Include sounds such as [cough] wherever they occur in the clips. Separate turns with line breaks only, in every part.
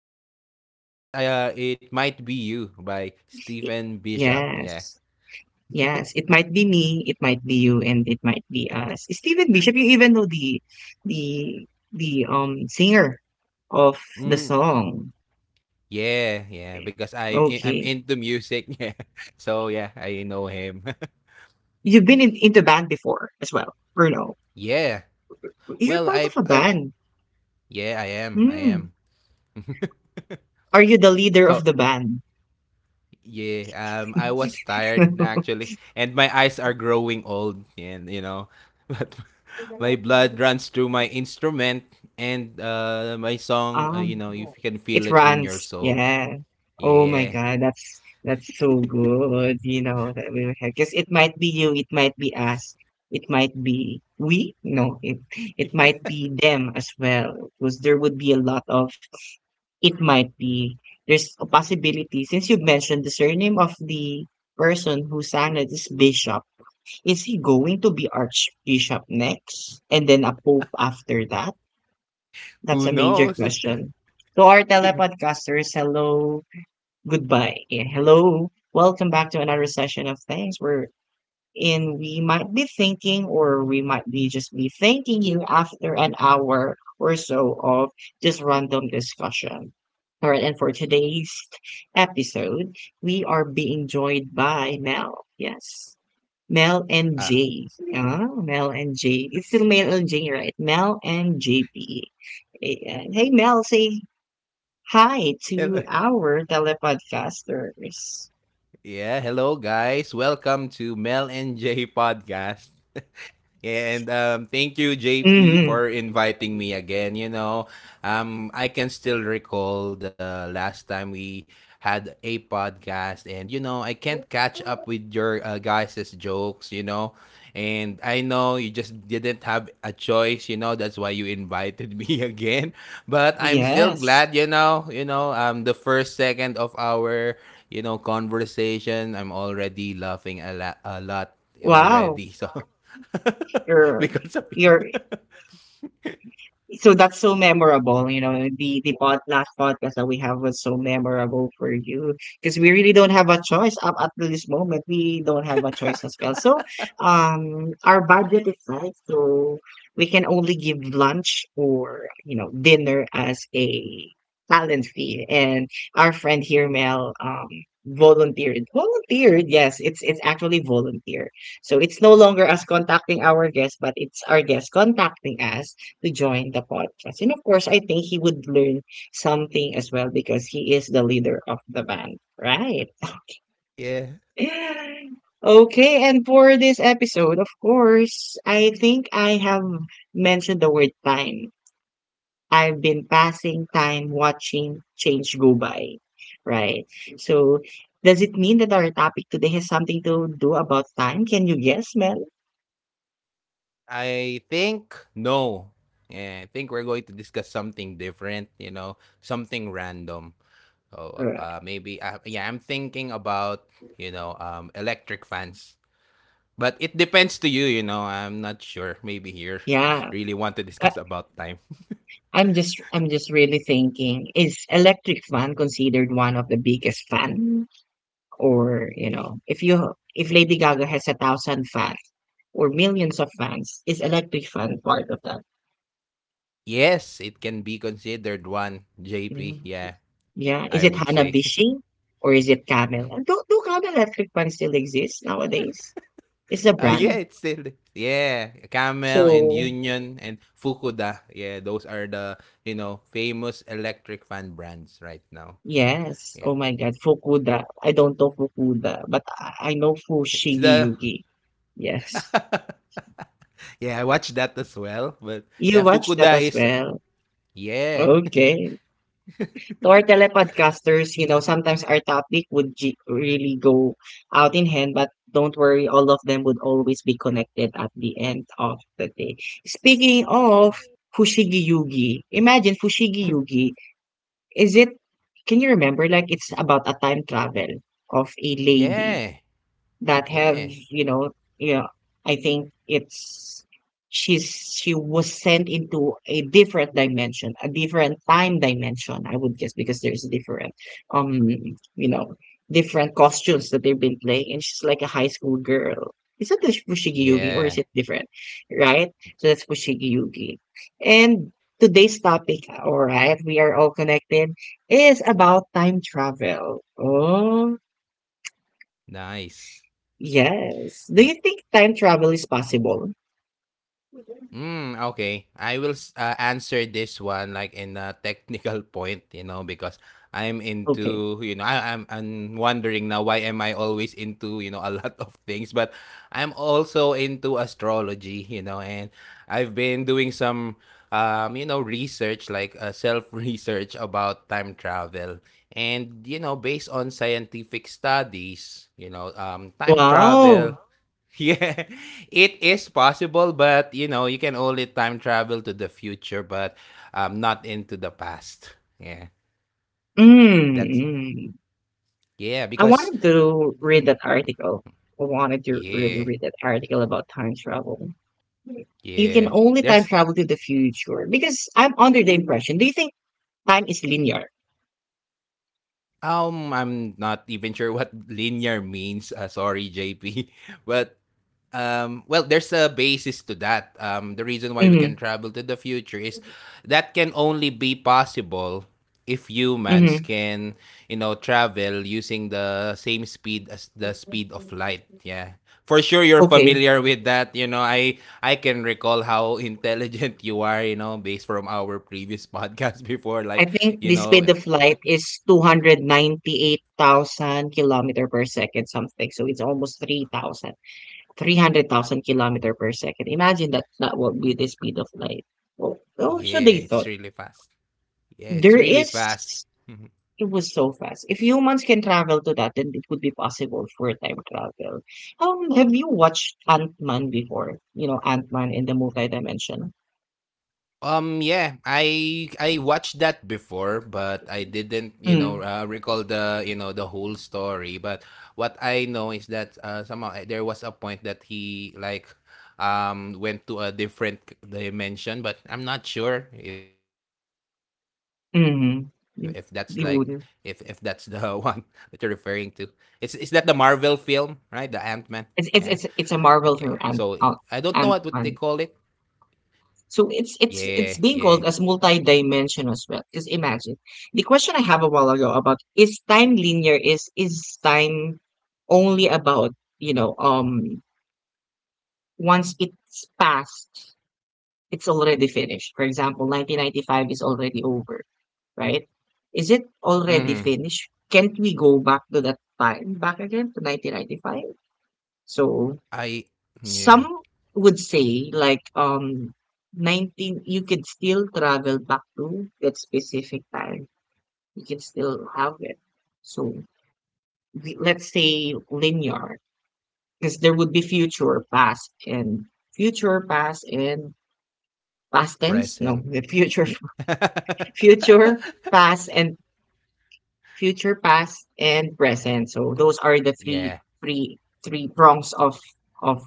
course, yeah, that's It Might Be You by
Y-
Stephen Bishop. Yeah.
Yes. Yes. It might be me, it might be you, and it might be us. Stephen Bishop, you even know the the singer of the
Mm,
song.
yeah, yeah, because I'm
Okay.
into music. [laughs] Yeah. So yeah, I know him. [laughs]
You've been into band before as well, or no?
Yeah.
You're
Well,
part
I
of a
I
band.
yeah, I am. I
Hmm.
am. [laughs]
Are you the leader
Oh,
of the band?
yeah. I was tired
[laughs]
actually, and my eyes are growing old and you know, [laughs] but my blood runs through my instrument and my song, you
Um,
know, you can feel
it
it in your
runs.
soul.
Yeah. Oh my
Yeah.
God, that's so good. You know that we have because it might be you, it might be us, it might be we. No, it might be them as well. Because there would be a lot of it might be. There's a possibility since you mentioned the surname of the person who sang it is Bishop. Is he going to be archbishop next and then a pope after that? That's
Who
a major
knows? [laughs]
question. To our telepodcasters, hello, goodbye. Hello, welcome back to another session of Things where in we might be thinking or we might be just be thanking you after an hour or so of just random discussion. All right, and for today's episode, we are being joined by Mel. Yes. Mel and
ah,
Jay. Mel and Jay. It's still Mel and Jay, right? Mel and JP. Ayan. Hey, Mel, say hi to
hello.
our telepodcasters.
Yeah, hello guys. Welcome to Mel and Jay podcast. [laughs] And thank you, JP,
Hmm.
for inviting me again. You know, I can still recall the last time we had a podcast, and you know, I can't catch up with your guys' jokes. You know, and I know you just didn't have a choice. You know, that's why you invited [laughs] me again. But I'm still
Yes.
glad. The first second of our conversation, I'm already laughing a lot
Wow.
already. [laughs] [laughs]
Your
Because of
your. So that's so memorable, you know. Last podcast that we have was so memorable for you, because we really don't have a choice up at this moment. We don't have a choice as well. So, our budget is tight, so we can only give lunch or, dinner as a talent fee. And our friend here, Mel, volunteered. Volunteered, yes. It's actually volunteer. So it's no longer us contacting our guests, but it's our guests contacting us to join the podcast. And of course, I think he would learn something as well, because he is the leader of the band, right?
yeah,
[laughs] Okay, and for this episode, of course, I think I have mentioned the word time. I've been passing time watching change go by, right? So, does it mean that our topic today has something to do about time? Can you guess, Mel?
I think no. Yeah, I think we're going to discuss something different, you know, something random. So
Right.
maybe yeah, I'm thinking about electric fans, but it depends to you. You know, I'm not sure. Maybe here
Yeah.
[laughs] really want to
Uh,
discuss about time.
I'm just really thinking, is electric fan considered one of the biggest fan? Or, you
Y-
know, if Lady Gaga has a thousand fans or millions of fans, is electric fan part of that?
Yes, it can be considered one, JP.
Mm.
Yeah,
Yeah.
I
Is it
would say.
Hanabishi or is it Camel? And do Camel electric fan still exist nowadays? It's a
Oh, yeah,
brand.
it's still the yeah, Camel and
So
Union and Fukuda. Yeah, those are the, you know, famous electric fan brands right now. Yeah.
yes. Oh my god, Fukuda. I don't know Fukuda, but I know
It's
Fushigi
the
Yugi. Yes.
[laughs] Yeah, I watched that as well, but
You
yeah,
watch that
Fukuda
as
is
well.
yeah. [laughs]
Okay. To our telepodcasters, you know, sometimes our topic would really go out in hand, but don't worry, all of them would always be connected at the end of the day. Speaking of Fushigi Yugi, imagine Fushigi Yugi. Is it, can you remember, like it's about a time travel of a lady
Yeah.
that have,
Yeah.
you know yeah, I think it's she was sent into a different dimension, a different time dimension, I would guess, because there's different um you know different costumes that they've been playing, and she's like a high school girl. Is that the Fushigi Yugi, or
Yeah.
is it different? Right? So that's Fushigi Yugi. And today's topic, all right, we are all connected, is about time travel. Oh,
Nice.
Yes. Do
Yeah.
you think time travel is possible?
Mm, okay. I will answer this one like in a technical [laughs] point, you know, because I'm
Okay.
into, you know, I'm wondering now why am I always into, you know, a [laughs] lot of things, but I'm also into astrology, you know, and I've been doing some, you know, research, like self-research [laughs] about time travel. And, you know, based on scientific studies, you know, time travel
Wow.
yeah, [laughs] it is possible, but you know, you can only time travel to the future, but not into the past. Yeah,
Mm,
that
mm.
yeah,
I
because
wanted to read that article. I wanted to really
yeah,
read that article about time travel. You can
yeah,
only time
there's
travel to the future because I'm under the impression. Do you think time is linear?
I'm not even sure [laughs] what linear means. Sorry, JP, [laughs] but well, there's a basis to that. The reason why we can
Mm-hmm.
travel to the future is that can only be possible if humans
Mm-hmm.
can, you know, travel using the same speed as the speed of light. Yeah. For sure you're
Okay.
familiar with that, you know. I can recall how [laughs] intelligent you are, you know, based from our previous podcast [laughs] before
I
like,
think
you
the
know,
speed of light is 298,000 kilometer per second, something. So it's almost 3,000. 300,000 kilometer per second. Imagine that that would be the speed of light. Well, what they
yeah,
thought?
it's really fast. Yeah, it's
There
really fast.
is,
[laughs]
it was so fast. If humans can travel to that, then it would be possible for time travel. Have you watched Ant-Man before? You know, Ant-Man in the multi-dimension?
Yeah, I watched that before, but I didn't, you know,
Mm,
recall the, you know, the whole story. But what I know is that somehow there was a point that he like went to a different dimension, but I'm not sure if that's like if that's the [laughs]
mm-hmm.
one
You,
that you're
you
referring
wouldn't.
to. Is that the Marvel film, right? The Ant-Man. Yeah. Yeah.
It's,
So
it's, it's,
I
it's
don't
a
know what
Marvel
would they
for
call it.
Ant-Man. So
Yeah,
it's
yeah.
it's it's being called as multi-dimensional as well. Because imagine the question I have a while ago about is time linear, is time only about, you know um once it's passed, it's already finished. For example, 1995 is already over, right? Is it already
Mm.
finished? Can't we go back to that time back again to 1995? So
I
some
yeah.
would say, like, 19, you could still travel back to that specific time. You can still have it. So let's say linear, because there would be future, past, and past tense. No,
Present.
the future, [laughs] future,
[laughs]
past, and future, past, and present. So those are the three
Yeah,
three three prongs of of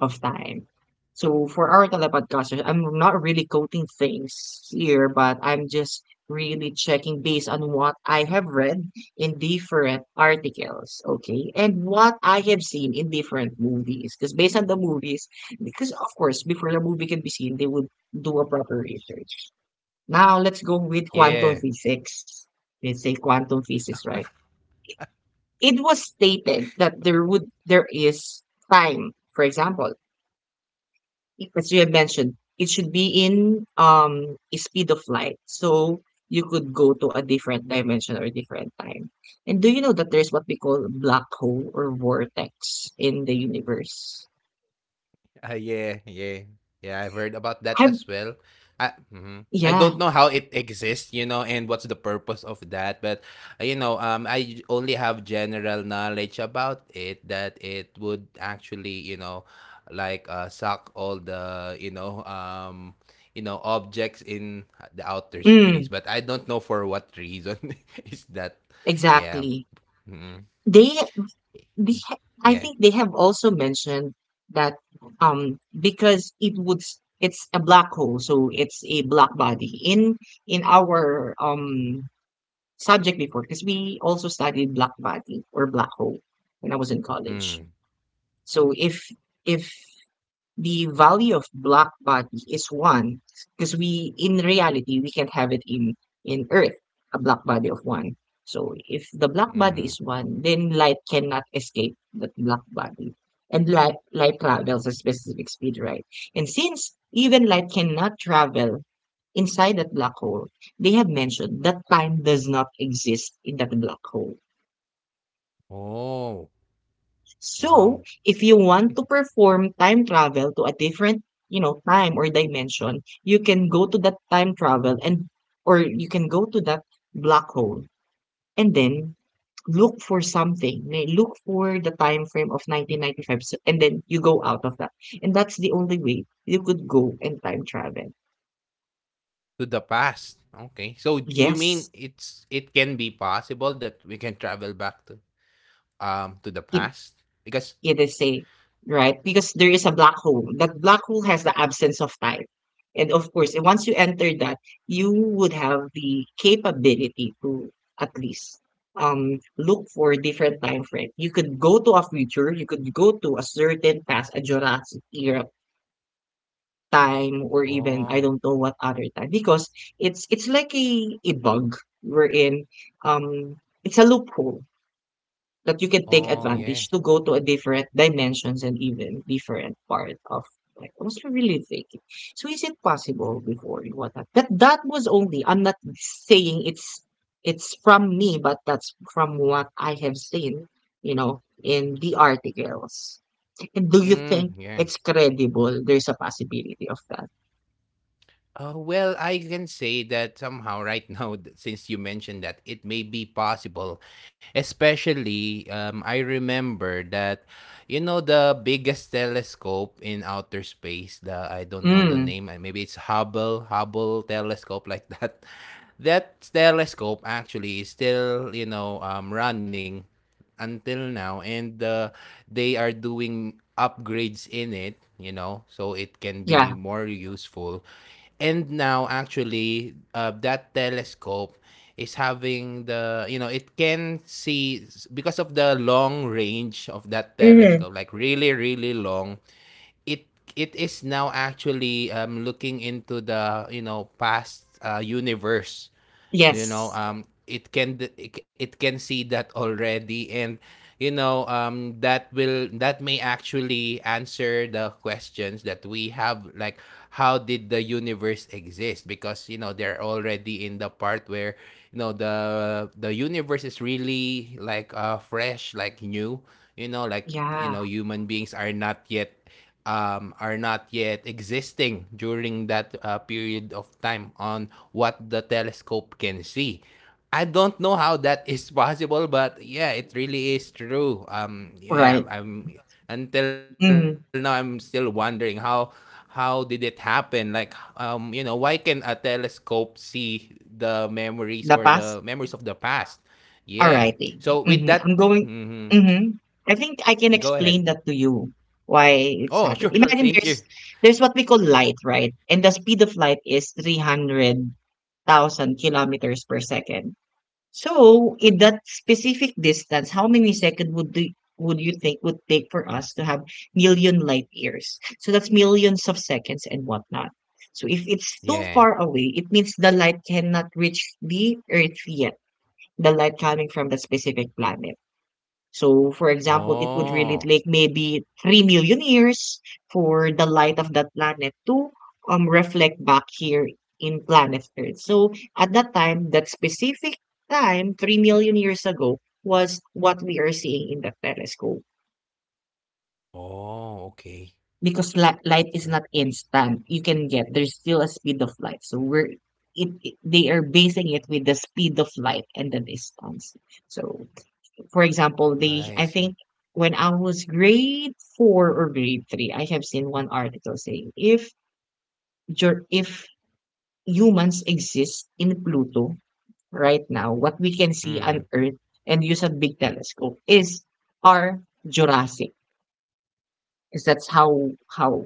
time. So for our telepodcasters, I'm not really quoting things here, but I'm just really checking based on what I have read in different articles, okay, and what I have seen in different movies. Because based on the movies, because of course, before the movie can be seen, they would do a proper research. Now let's go with
yeah,
quantum physics. Let's say quantum physics, right? It was stated that there is time. For example, as you have mentioned, it should be in speed of light. So you could go to a different dimension or different time. And do you know that there's what we call black hole or vortex in the universe?
yeah, yeah. Yeah, I've heard about that
Have
as well. I Mhm. I
yeah,
don't know how it exists, you know, and what's the purpose of that, but, you know, I only have general knowledge about it that it would actually, you know, like, suck all the, you know, objects in the outer space,
mm,
but I don't know for what reason [laughs] is that. Yeah,
exactly.
mhm,
They I
yeah,
think they have also mentioned that, because it would it's a black hole, so it's a black body in our subject before, because we also studied black body or black hole when I was in college.
mhm,
So if if the value of black body is one, because we, in reality, we can't have it in earth a black body of one. So if the black
mhm.
body is one, then light cannot escape that black body. And light travels a specific speed, right? And since even light cannot travel inside that black hole, they have mentioned that time does not exist in that black hole.
Oh,
So,
wow.
if you want to perform time travel to a different, time or dimension, you can go to that time travel, and or you can go to that black hole and then look for something. Look for the time frame of 1995, and then you go out of that. And that's the only way you could go and time travel.
To the past. Okay. So you mean
Yes,
it can be possible that we can travel back to the
it
past? Because
it is safe, right? Because there is a black hole. That black hole has the absence of time. And of course, once you enter that, you would have the capability to at least, look for different time frame. You could go to a future, you could go to a certain past, a Jurassic era time, or even
oh,
I don't know what other time, because it's like a bug wherein, um it's a loophole that you can take
oh yeah.
advantage to go to a different dimensions and even different part of, like I was really thinking. So is it possible before you, what that was only — I'm not saying it's from me, but that's from what I have seen, you know, in the articles. And do you
Mm,
think
yeah.
it's credible? There's a possibility of that.
Well, I can say that somehow right [laughs] now, since you mentioned that, it may be possible. Especially, I remember that, you know, the biggest telescope in outer space, the I don't know the
Mm,
name, maybe it's Hubble telescope, like that. [laughs] That telescope actually is still, you know, running until now and they are doing upgrades in it, you know, so it can be
yeah.
more useful. And now actually, that telescope is having the, you know, it can see, because of the long range of that
Mhm.
telescope, like really, really long, it it is now actually, looking into the, you know, past universe. You know,
Yes.
it can it can see that already, and you know, that will, that may actually answer the questions that we have, like how did the universe exist, because you know they're already in the part where, you know, the universe is really, like, fresh, like new, you know, like, you
Yeah.
know, human beings are not yet, are not yet existing during that period of time on what the telescope can see. I don't know how that is [laughs] possible, but yeah, it really is true. Yeah,
Right.
I'm until now, I'm still
Mhm.
wondering how did it happen? Like, you know, why can a telescope see the memories or the
The
memories
past?
of the past? Yeah. So
Alrighty.
with that,
Mhm. I'm going.
mhm,
Mhm. I think I
go
can
ahead.
explain that to you why
Oh, [laughs]
it's
sure,
happening.
sure.
Imagine
Thank you.
there's what we call light, right? And the speed of light is 300,000 kilometers per second. So, in that specific distance, how many seconds would the would you think would take for us to have million light years? So that's millions of seconds and whatnot. So if it's too
Yeah.
far away, it means the light cannot reach the Earth yet. The light coming from the specific planet. So, for example, it would really
Oh.
take maybe 3 million years for the light of that planet to, reflect back here in planet Earth. So, at that time, that specific time, 3 million years ago, was what we are seeing in the telescope.
Oh, okay.
Because light is not instant, you can get there's still a speed of light. So we're they are basing it with the speed of light and the distance. So, for example, the
I
I
see.
think when I was grade four or grade three, I have seen one article saying if humans exist in Pluto right now, what we can see
Mm.
on Earth and use a big telescope is our Jurassic, because that's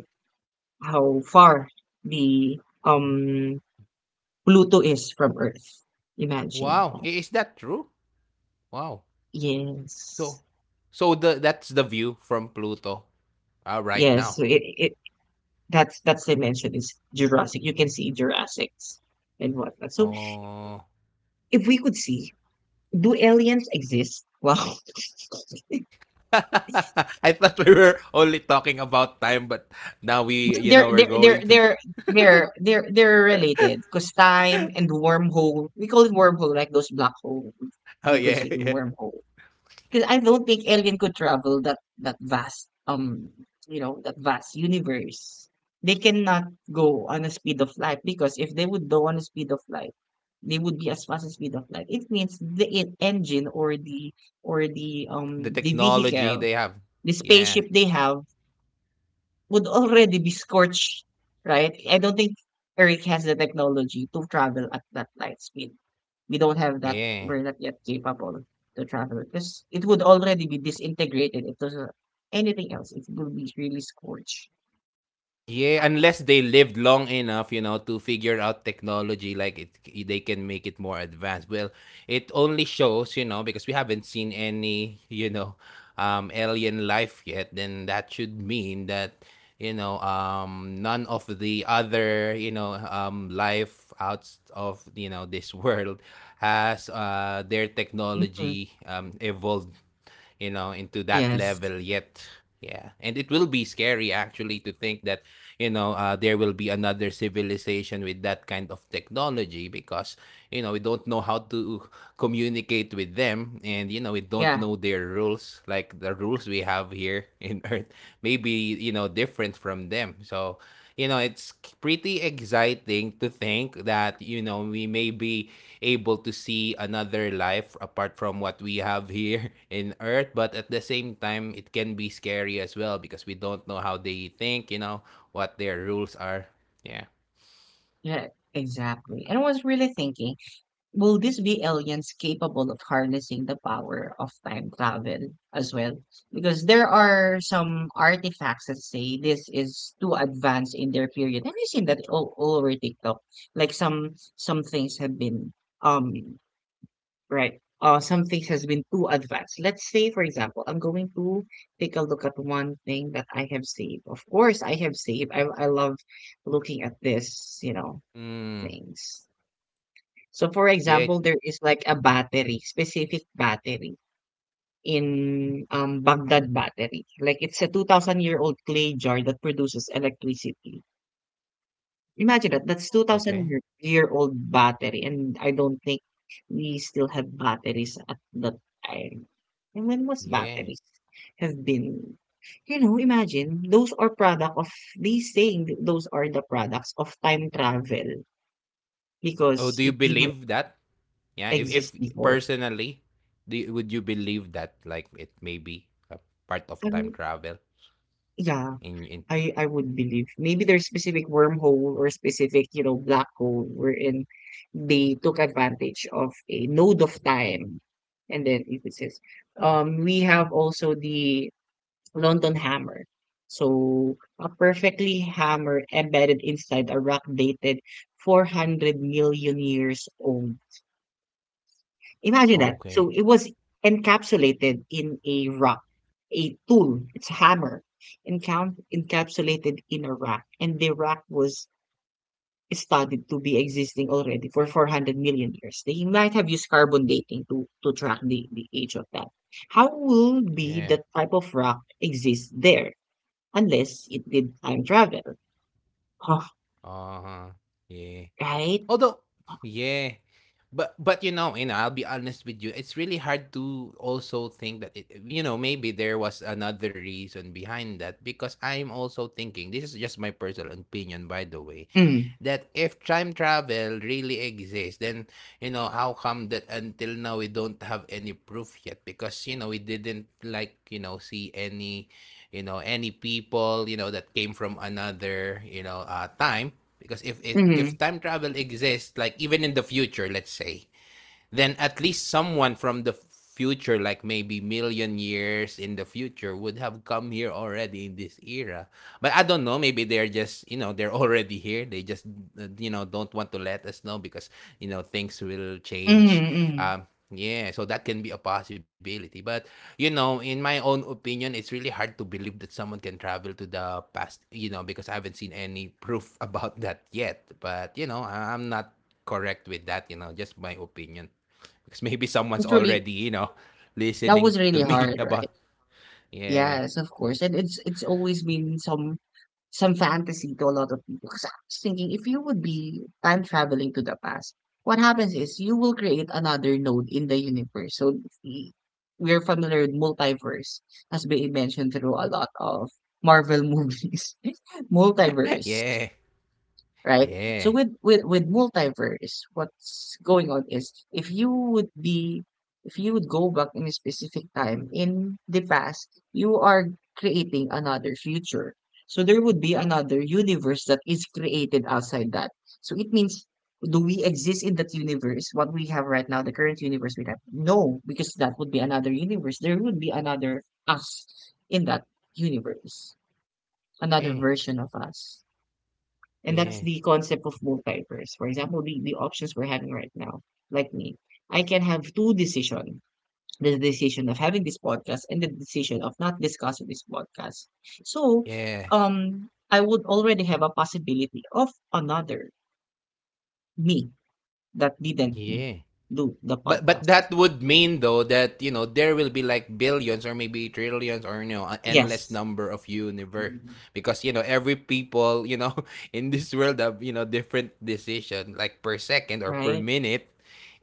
how far the um Pluto is from Earth. Imagine
Wow,
that.
I is that true? Wow. So
Yes.
so the that's the view from Pluto, right
Yes.
now.
So it That's the mention is Jurassic. You can see Jurassics and whatnot. So
Oh.
if we could see, do aliens exist? Wow. [laughs]
[laughs] I thought we were only talking about time, but now
But
we, you know, we're going to
they're related because time and wormhole. We call it wormhole, like those black hole.
[laughs] Oh
We
yeah,
consider
yeah.
wormhole. Because I don't think alien could travel that vast you know that vast universe. They cannot go on a speed of light because if they would go on a speed of light, they would be as fast as speed of light. It means the engine or the
Tech the
the
technology
vehicle,
they have.
the
Yeah.
spaceship they have would already be scorched, right? I don't think Earth has the technology to travel at that light speed. We don't have that
Yeah.
we're not yet capable to travel because it would already be disintegrated. If there's anything else, it would be really scorched.
Yeah, unless they lived long enough, you know, to figure out technology, like it, they can make it more advanced. Well, it only shows, you know, because we haven't seen any, you know, alien life yet. Then that should mean that, you know, none of the other, you know, life out of you know this [laughs] world has their
Mhm.
technology evolved, you know, into that
Yes,
level yet. Yeah. And it will be scary actually to think that, you know, there will be another civilization with that kind of technology because, you know, we don't know how to communicate with them, and, you know, we don't
yeah,
know their rules, like the rules we have here in [laughs] Earth may be, you know, different from them. So, you know, it's pretty exciting to think that, you know, we may be able to see another life apart from what we have here [laughs] in earth, but at the same time it can be scary as well, because we don't know how they think, you know, what their rules are, yeah.
yeah, exactly. And I was really thinking, will this be aliens capable of harnessing the power of time travel as well? Because there are some artifacts that say this is too advanced in their period. Have you seen that all over TikTok? Like some things have been um right. Some things has been too advanced. Let's say, for example, I'm going to take a look at one thing that I have saved. Of course, I have saved. I love looking at this,
Mm,
things. So for
yeah,
example, there is like a battery, specific battery in Baghdad battery. Like it's a 2000 year old clay jar that produces electricity. Imagine that. That's 2000
okay,
year old battery. And I don't think we still have batteries at that time. And when was
yeah.
batteries have been, imagine those are product of those are the products of time travel
Oh,
because
do you
it didn't
believe that, yeah, if
exist
if
before.
personally, do would you believe that like it may be a part of time travel
Yeah,
in
I would believe. Maybe there's specific wormhole or specific, you know, black hole wherein they took advantage of a node of time. And then if it says, we have also the London hammer. So a perfectly hammer embedded inside a rock dated 400 million years old. Imagine that.
okay,
So it was encapsulated in a rock, a tool. It's a hammer, encapsulated in a rock, and the rock was studied to be existing already for 400 million years. They might have used carbon dating to track the age of that. How will
yeah,
be that type of rock exist there unless it did time travel? Oh,
uh-huh, yeah,
right.
although Yeah. But you know, I'll be honest with you. It's really hard to also think that it, you know, maybe there was another reason behind that, because I'm also thinking, this is just my personal opinion by the way,
Mm,
that if time travel really exists, then you know how come that until now we don't have any proof yet? Because you know we didn't like you know see any you know any people you know that came from another, you know, time. Because if it
mm,
if time travel exists, like even in the future, let's say, then at least someone from the future, like maybe million years in the future, would have come here already in this era. But I don't know. Maybe they're just, you know, they're [laughs] already here. They just, you know, don't want to let us know, because, you know, things will change.
mm, mm.
Um, yeah, so that can be a possibility. But, you know, in my own opinion, it's really hard to believe that someone can travel to the past, you know, because I haven't seen any [laughs] proof about that yet. But, you know, I'm not correct with that, you know, just my opinion. Because maybe someone's
Actually,
already, you know,
that
listening
was
to
really
me [laughs]
hard,
about
right?
yeah.
Yes, of course, and it's always been some fantasy to a lot of people. 'Cause I was thinking if you would be time traveling to the past, what happens is you will create another node in the universe. We're familiar with multiverse, has been mentioned through a lot of Marvel [laughs] movies.
[laughs]
Multiverse,
Yeah.
right? So
Yeah.
with multiverse, what's going on is if you would go back in a specific time in the past, you are creating another future. So there would be another universe that is created outside that. So it means, do we exist in that universe? What we have right now, the current universe we have? No, because that would be another universe. There would be another us in that universe, another
Yeah.
version of us. And that's
Yeah.
the concept of multiverse. For example, the options we're having right now, like me, I can have two decisions. The decision of having this podcast and the decision of not discussing this podcast. So
Yeah.
I would already have a possibility of another me that didn't
Yeah.
do the
But
podcast.
that would mean though that, you know, there will be like billions or maybe trillions or you know, an endless
Yes.
number of universe, because you know every people, you know, [laughs] in this world have, you know, different decision like per second or per
Right?
minute.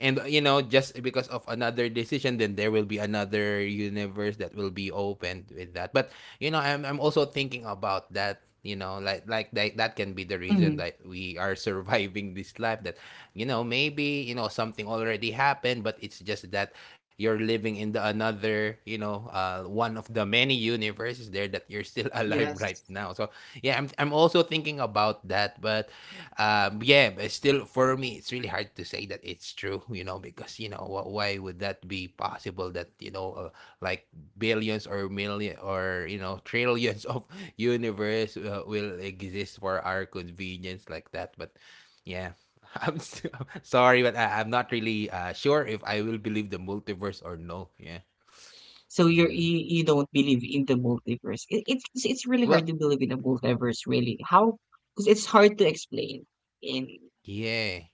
And you know, just because of another decision, then there will be another universe that will be opened with that. But you know, I'm also thinking about that. You know, like that, that can be the
Mm.
reason that we are [laughs] surviving this life. That you know, maybe you know something already happened, but it's just that you're living in the another, one of the many universes there that you're still [laughs] alive right
Yes.
now. So yeah, I'm also thinking about that, but yeah, but still for me, it's really hard to say that it's true, you know, because you know why would that be possible? Like billions or million or you know trillions of [laughs] universe will exist for our convenience like that. But yeah, [laughs] I'm s [laughs] sorry, but I'm not really sure if I will believe the multiverse or no. Yeah.
So you're
Mm.
you don't believe in the multiverse. It's really hard
Well,
to believe in the multiverse, really. How? Because it's hard to explain in
yeah.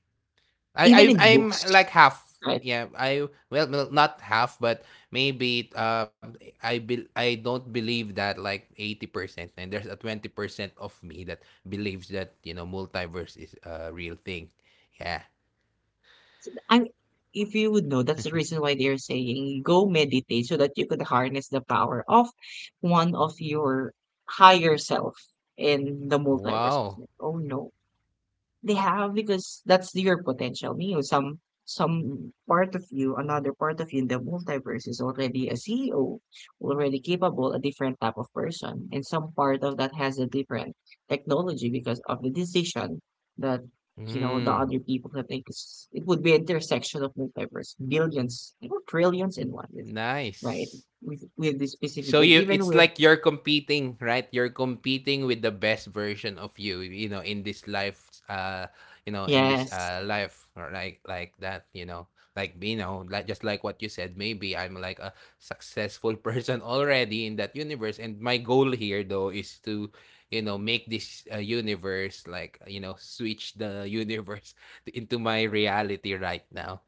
even
I
in
I I'm like
books,
half.
right?
Yeah, I well, not half, but maybe I don't believe that like 80%, and there's a 20% of me that believes that, you know, multiverse is a real thing. Yeah.
And if you would know, that's the reason why they're saying go meditate so that you could harness the power of one of your higher self in the
Wow.
multiverse. I was like, oh no, they have, because that's your potential. You know, some part of you, another part of you in the multiverse is already a CEO, already capable, a different type of person, and some part of that has a different technology because of the decision that you know the
Mm,
other people have made. 'Cause it would be intersection of multiverse, billions, you know, trillions in one, right?
nice.
With the specific,
So
and
you
even
it's
with
like you're competing, right? You're competing with the best version of you, you know, in this life, you know, in this
yes,
life or like that, you know. Like you know, like just like what you said, maybe I'm like a successful [laughs] person already in that universe. And my goal here though is to, you know, make this universe like, you know, switch the universe [laughs] into my reality right now.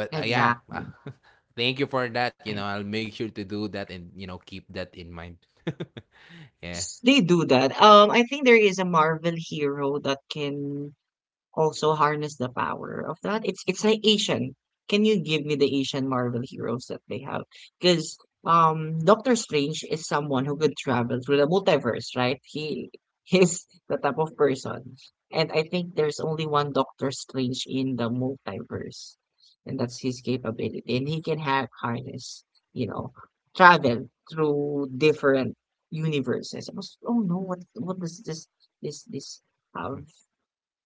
But
exactly,
thank you for that. You know,
right.
I'll make sure to do that and, you know, keep that in mind. [laughs] Yeah.
They do that. I think there is a Marvel hero that can also harness the power of that. It's like Asian. Can you give me the Asian Marvel heroes that they have? Because Doctor Strange is someone who could travel through the multiverse, right? He [laughs] is the type of person. And I think there's only one Doctor Strange in the multiverse. And that's his capability. And he can have harness, you know, travel through different universes. I was, oh no, what does this have?
Mhm.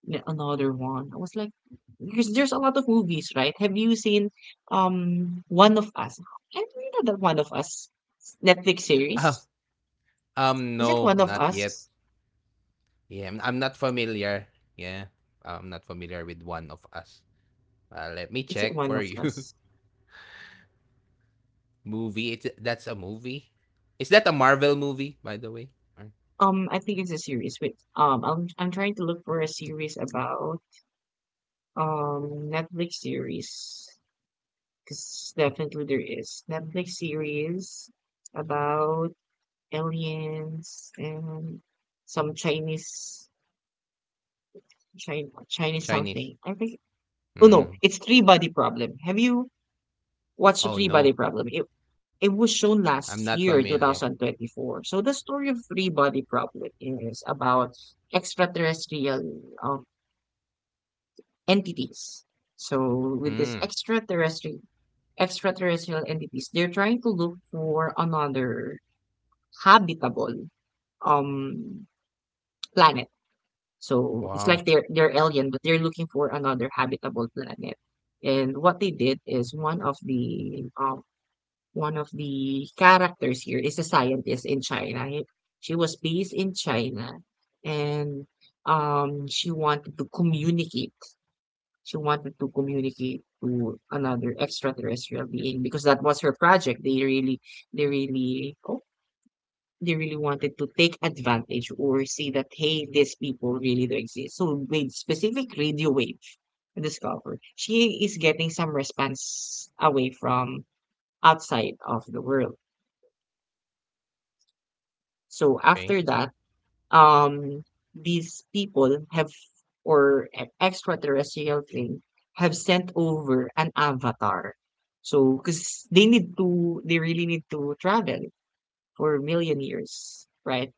Another one. I was like, because there's a lot of movies, right? Have you seen One of Us? I think that the One of Us Netflix
Um,
series. Is it One
no,
of
not yet.
Us?
Yeah, I'm not familiar. Yeah, I'm not familiar with one of us. Let me
Is it
check
One of
for
Us?
you. [laughs] movie. It's that's a movie. Is that a Marvel movie, by the way, or
I think it's a series. Wait, I'm trying to look for a series about Netflix series, because definitely there is Netflix series about aliens and some Chinese Chinese something.
Chinese?
I think, oh no,
Mm.
it's Three Body Problem. Have you watched the
Oh
Three Body
no,
Problem? It was shown
I'm not
last year,
familiar.
2024. So the story of Three Body Problem is about extraterrestrial entities. So with this
Mm.
extraterrestrial entities, they're trying to look for another habitable um planet. So it's like
Wow.
they're alien, but they're looking for another habitable planet. And what they did is one of the characters here is a scientist in China. She was based in China and she wanted to communicate. She wanted to communicate to another extraterrestrial being because that was her project. They really oh, they really wanted to take advantage or see that hey these people really do exist. So with specific radio wave discovered, she is getting some response away from outside of the world. So after
Okay.
that, um, these people have, or extraterrestrial thing, have sent over an avatar. So, because they need to, they really need to travel for a million years, right?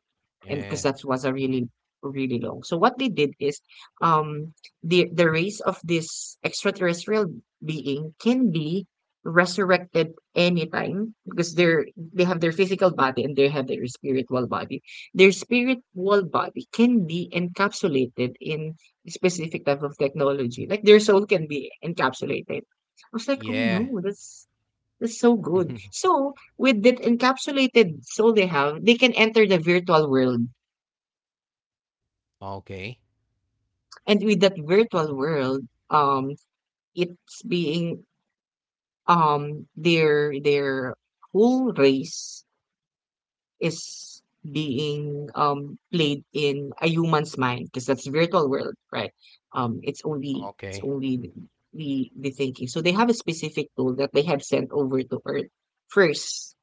And because
Yeah.
that was a really really long. So what they did is um the race of this extraterrestrial being can be resurrected anytime because they have their physical body and they have their spiritual body. Their spiritual body can be encapsulated in specific type of technology. Like their soul can be encapsulated. I was like, oh no,
Yeah.
that's so good.
[laughs]
So with that encapsulated soul they have, they can enter the virtual world
okay.
and with that virtual world um it's being their whole race is being played in a human's mind, because that's virtual world, right? It's
Okay.
only the thinking. So they have a specific tool that they have sent over to earth first,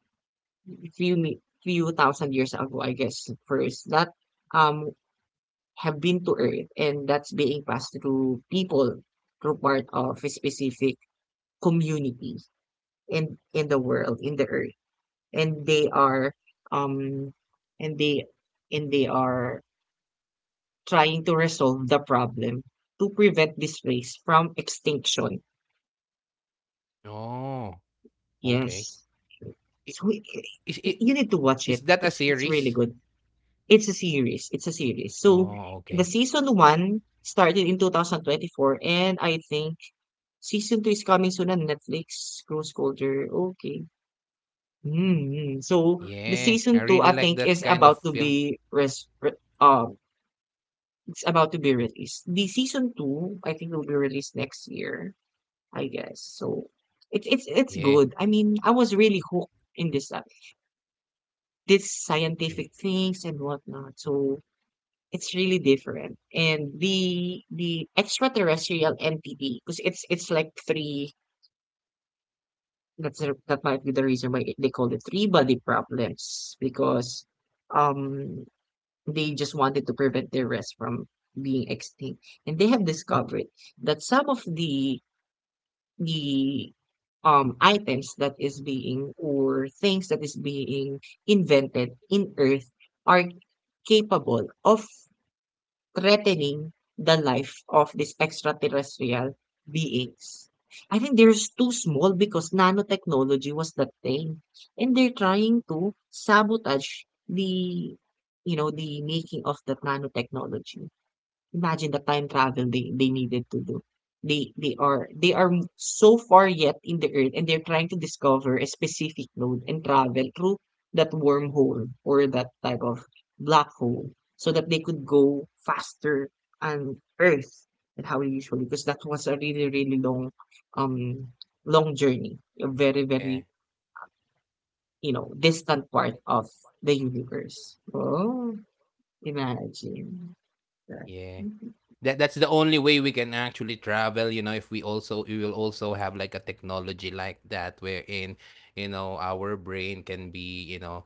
few thousand years ago, I guess, first that um have been to Earth, and that's being passed to people through part of a specific community in the world, in the Earth, and they are um and they and they are trying to resolve the problem to prevent this race from extinction.
Oh. Okay.
Yes,
I
so i-
is it
you need to
is
watch it.
that a
It's
series?
really good. It's a series. It's a series. So
Oh,
the
okay.
season one started in 2024 and I think Season 2 is coming soon on Netflix, Rose Colder. Okay. Mm-hmm. So
Yeah, I
the
really
season
like
2 I
that kind
think
of
is
film.
about to be res re um it's about to be released. The season 2 I think will be released next year, I guess. So it's
Yeah,
good. I mean, I was really hooked in this this
y-
scientific things and whatnot. So it's really different. And the extraterrestrial entity because it's like three. That's the that might be the reason why it they call it three body problems because, um, they just wanted to prevent their race from being extinct. And they have discovered that some of the the items that is being or things that is being invented in Earth are capable of threatening the life of these extraterrestrial beings. I think they're too small because nanotechnology was that thing. And they're trying to sabotage the, you know, the making of that nanotechnology. Imagine the time travel they needed to do. They are so far yet in the earth, and they're trying to discover a specific node and travel through that wormhole or that type of black hole so that they could go faster on Earth than how we usually, because that was a really, really long um long journey. A very,
yeah,
very, distant part of the universe. Oh, imagine that.
yeah.
Mhm.
That that's the only way we can actually travel, you know, if we also we will also have like a technology like that, wherein you know our brain can be, you know,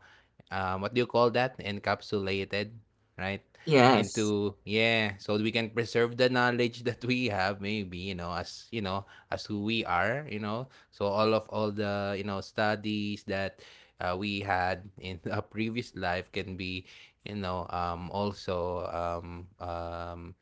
what do you call that, encapsulated, right
Yes.
into yeah, so we can preserve the knowledge [laughs] that we have, maybe you know as who we are, you know, so all of all the you know studies that we had in [laughs] a previous life can be also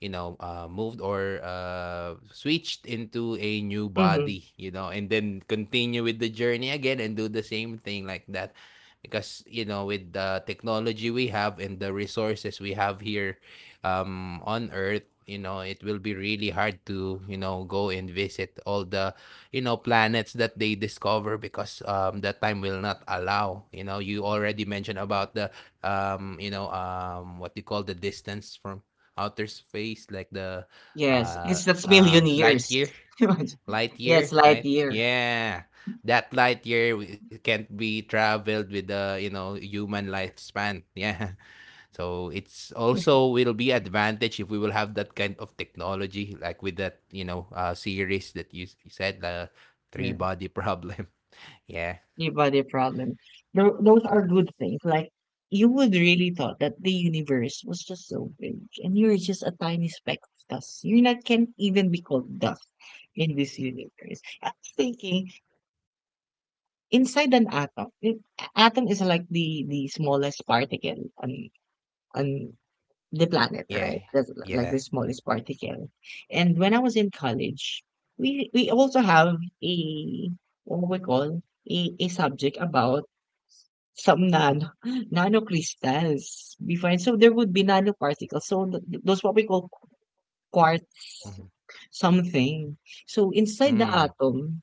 you know, moved or switched into a new
Hmm.
body, you know, and then continue with the journey again and do the same thing like that. Because, you know, with the technology we have and the resources we have here on Earth, you know, it will be really hard to, you know, go and visit all the, you know, planets that they discover because that time will not allow. You know, you already mentioned about the, you know, what you call the distance from outer space, like the
Yes,
uh,
because that's
um,
million
light
years.
year,
[laughs]
light
Yes,
year,
light
right?
year.
Yeah, that light year can't be traveled with the you know human lifespan. Yeah, [laughs] so it's also will be advantage if we will have that kind of technology, like with that you know series that you, you said, the three
Yeah,
body problem. [laughs] Yeah,
the body problem. Those are good things. Like, you would really thought that the universe was just so big, and you're just a tiny speck of dust. You like can't even be called dust in this universe. I'm thinking inside an atom. Atom is like the smallest particle on on the planet,
yeah,
right? That's like
yeah.
the smallest particle. And when I was in college, we also have a what we call a subject about some nano [laughs] nanocrystals before. And so there would be nanoparticles. So those what we call quartz something. So inside the
Mm,
atom,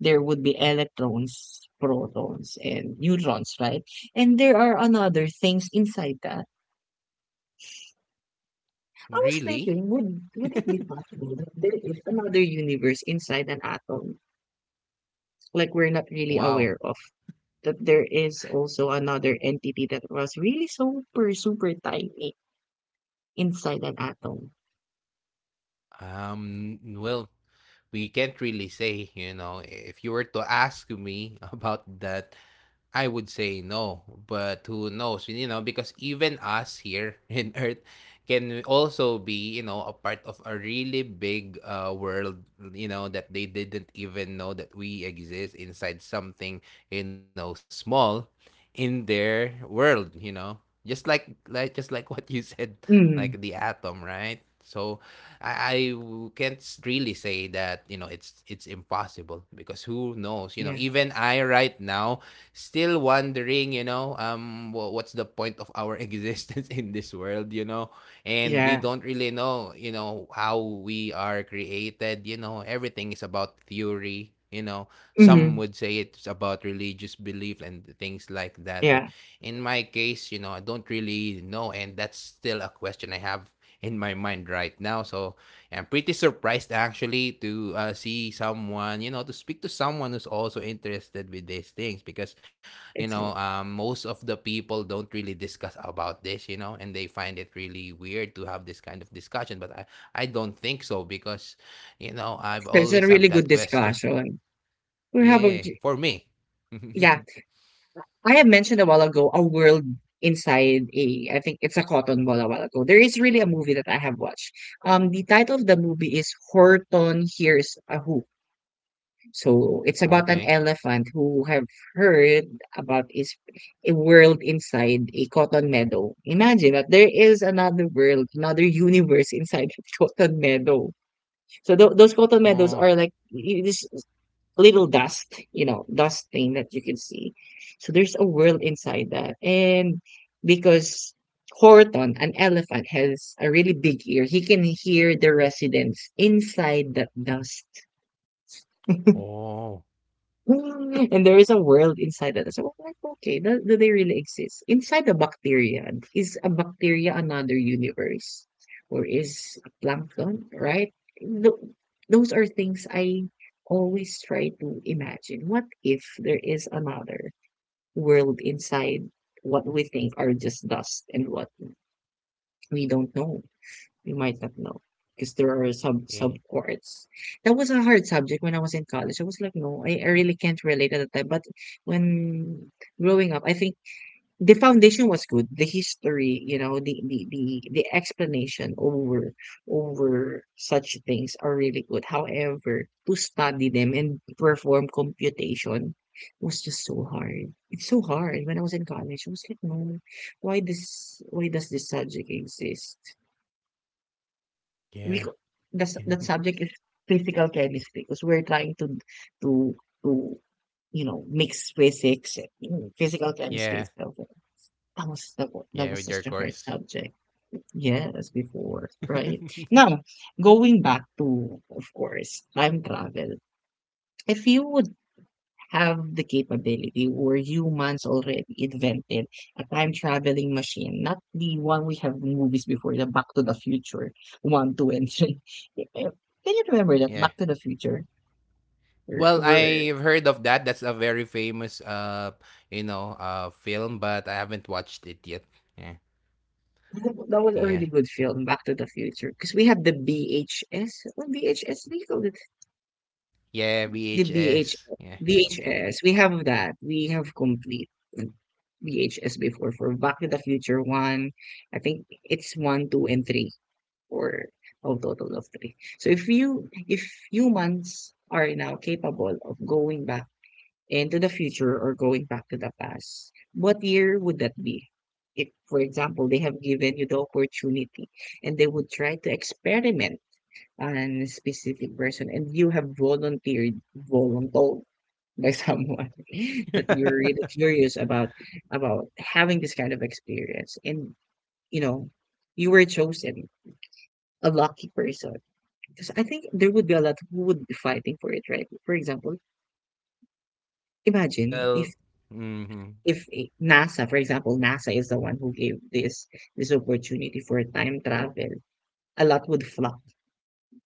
there would be electrons, protons, and neutrons, right? And there are another things inside the I was
really?
thinking, would it be possible that there is another universe inside an atom? Like, we're not really
Wow.
aware of that there is also another entity that was really super super tiny inside an atom.
Well. We can't really say, you know, if you were to ask me [laughs] about that, I would say no, but who knows? You know, because even us here [laughs] in Earth can also be, you know, a part of a really big world, you know, that they didn't even know that we exist inside something, you know, small in their world, you know. Just like just like what you [laughs] said, like the
Mm,
atom, right? So I can't really say that you know it's impossible, because who knows, you know,
yeah,
even I right now still wondering, you know, what's the point of our [laughs] existence in this world, you know? And we
yeah,
don't really know, you know, how we are created, you know, everything is about theory, you know. Some
mm,
would say it's about religious belief and things like that. But
yeah.
in my case, you know, I don't really know. And that's still a question I have in my mind right now. So I'm pretty surprised actually to see someone, you know, to speak to someone who's also interested with these things, because you know
It's, it's
most of the people don't really discuss about this, you know, and they find it really weird to have this kind of discussion, but I don't think so, because you know I've
it's
always
a
have
really
that
good
question.
discussion. We have a
Yeah, for me. [laughs]
yeah. I have mentioned a while ago a world inside a, I think it's a cotton ball, a while ago. There is really a movie that I have watched. The title of the movie is Horton Hears a Who. So it's about an
Okay.
elephant who have heard about is a world inside a cotton meadow. Imagine that there is another world, another universe inside [laughs] a cotton meadow. So those cotton meadows
Oh.
are like it is little dust, you know, dust thing that you can see. So there's a world inside that. And because Horton, an elephant, has a really big ear, he can hear the residents inside that dust.
Oh,
[laughs] And there is a world inside that. So I'm like, okay, do they really exist? Inside the bacteria, is a bacteria another universe? Or is a plankton, right? Th- those are things I always try to imagine. What if there is another world inside what we think are just dust and what we don't know? You might not know because there are
y-
sub courts. That was a hard subject when I was in college. I was like, no, I really can't relate at the time. But when growing up, I think the foundation was good. The history, you know, the explanation over such things are really good. However, to study them and perform computation was just so hard. It's so hard. When I was in college, I was like, no, why does this subject exist? We
yeah.
co- the s- that
[laughs]
subject is physical chemistry because we're trying to to you know mix physics and you know, physical chemistry
Yeah.
itself. That
Yeah
was
with your
such a hard
course.
subject. Yes, before right
[laughs]
now, going back to of course time travel. If you would have the capability or humans already invented a time traveling machine, not the one we have in movies before, the Back to the Future one, two, and three. [laughs] Can you remember that
Yeah,
Back to the Future? Were,
well
were,
I've heard of that, that's a very famous you know film, but I haven't watched it yet. Yeah.
[laughs] that was a really
Yeah.
good film, Back to the Future, because we have the BHS. What BHS? What do you call it?
Yeah,
The BH,
VHS. Yeah, mm.
VHS. We have that. We have complete VHS before for Back to the Future one. I think it's one, two, and three. Or a total of three. So if humans are now capable of going back into the future or going back to the past, what year would that be? If, for example, they have given you the opportunity and they would try to experiment on a specific person and you have volunteered, voluntold by [laughs] someone that
[laughs]
you're really curious about having this kind of experience and, you know, you were chosen a lucky person because I think there would be a lot who would be fighting for it, right? For example, imagine
Well
if
mhm,
NASA, for example, NASA is the one who gave this opportunity for time travel, a lot would flock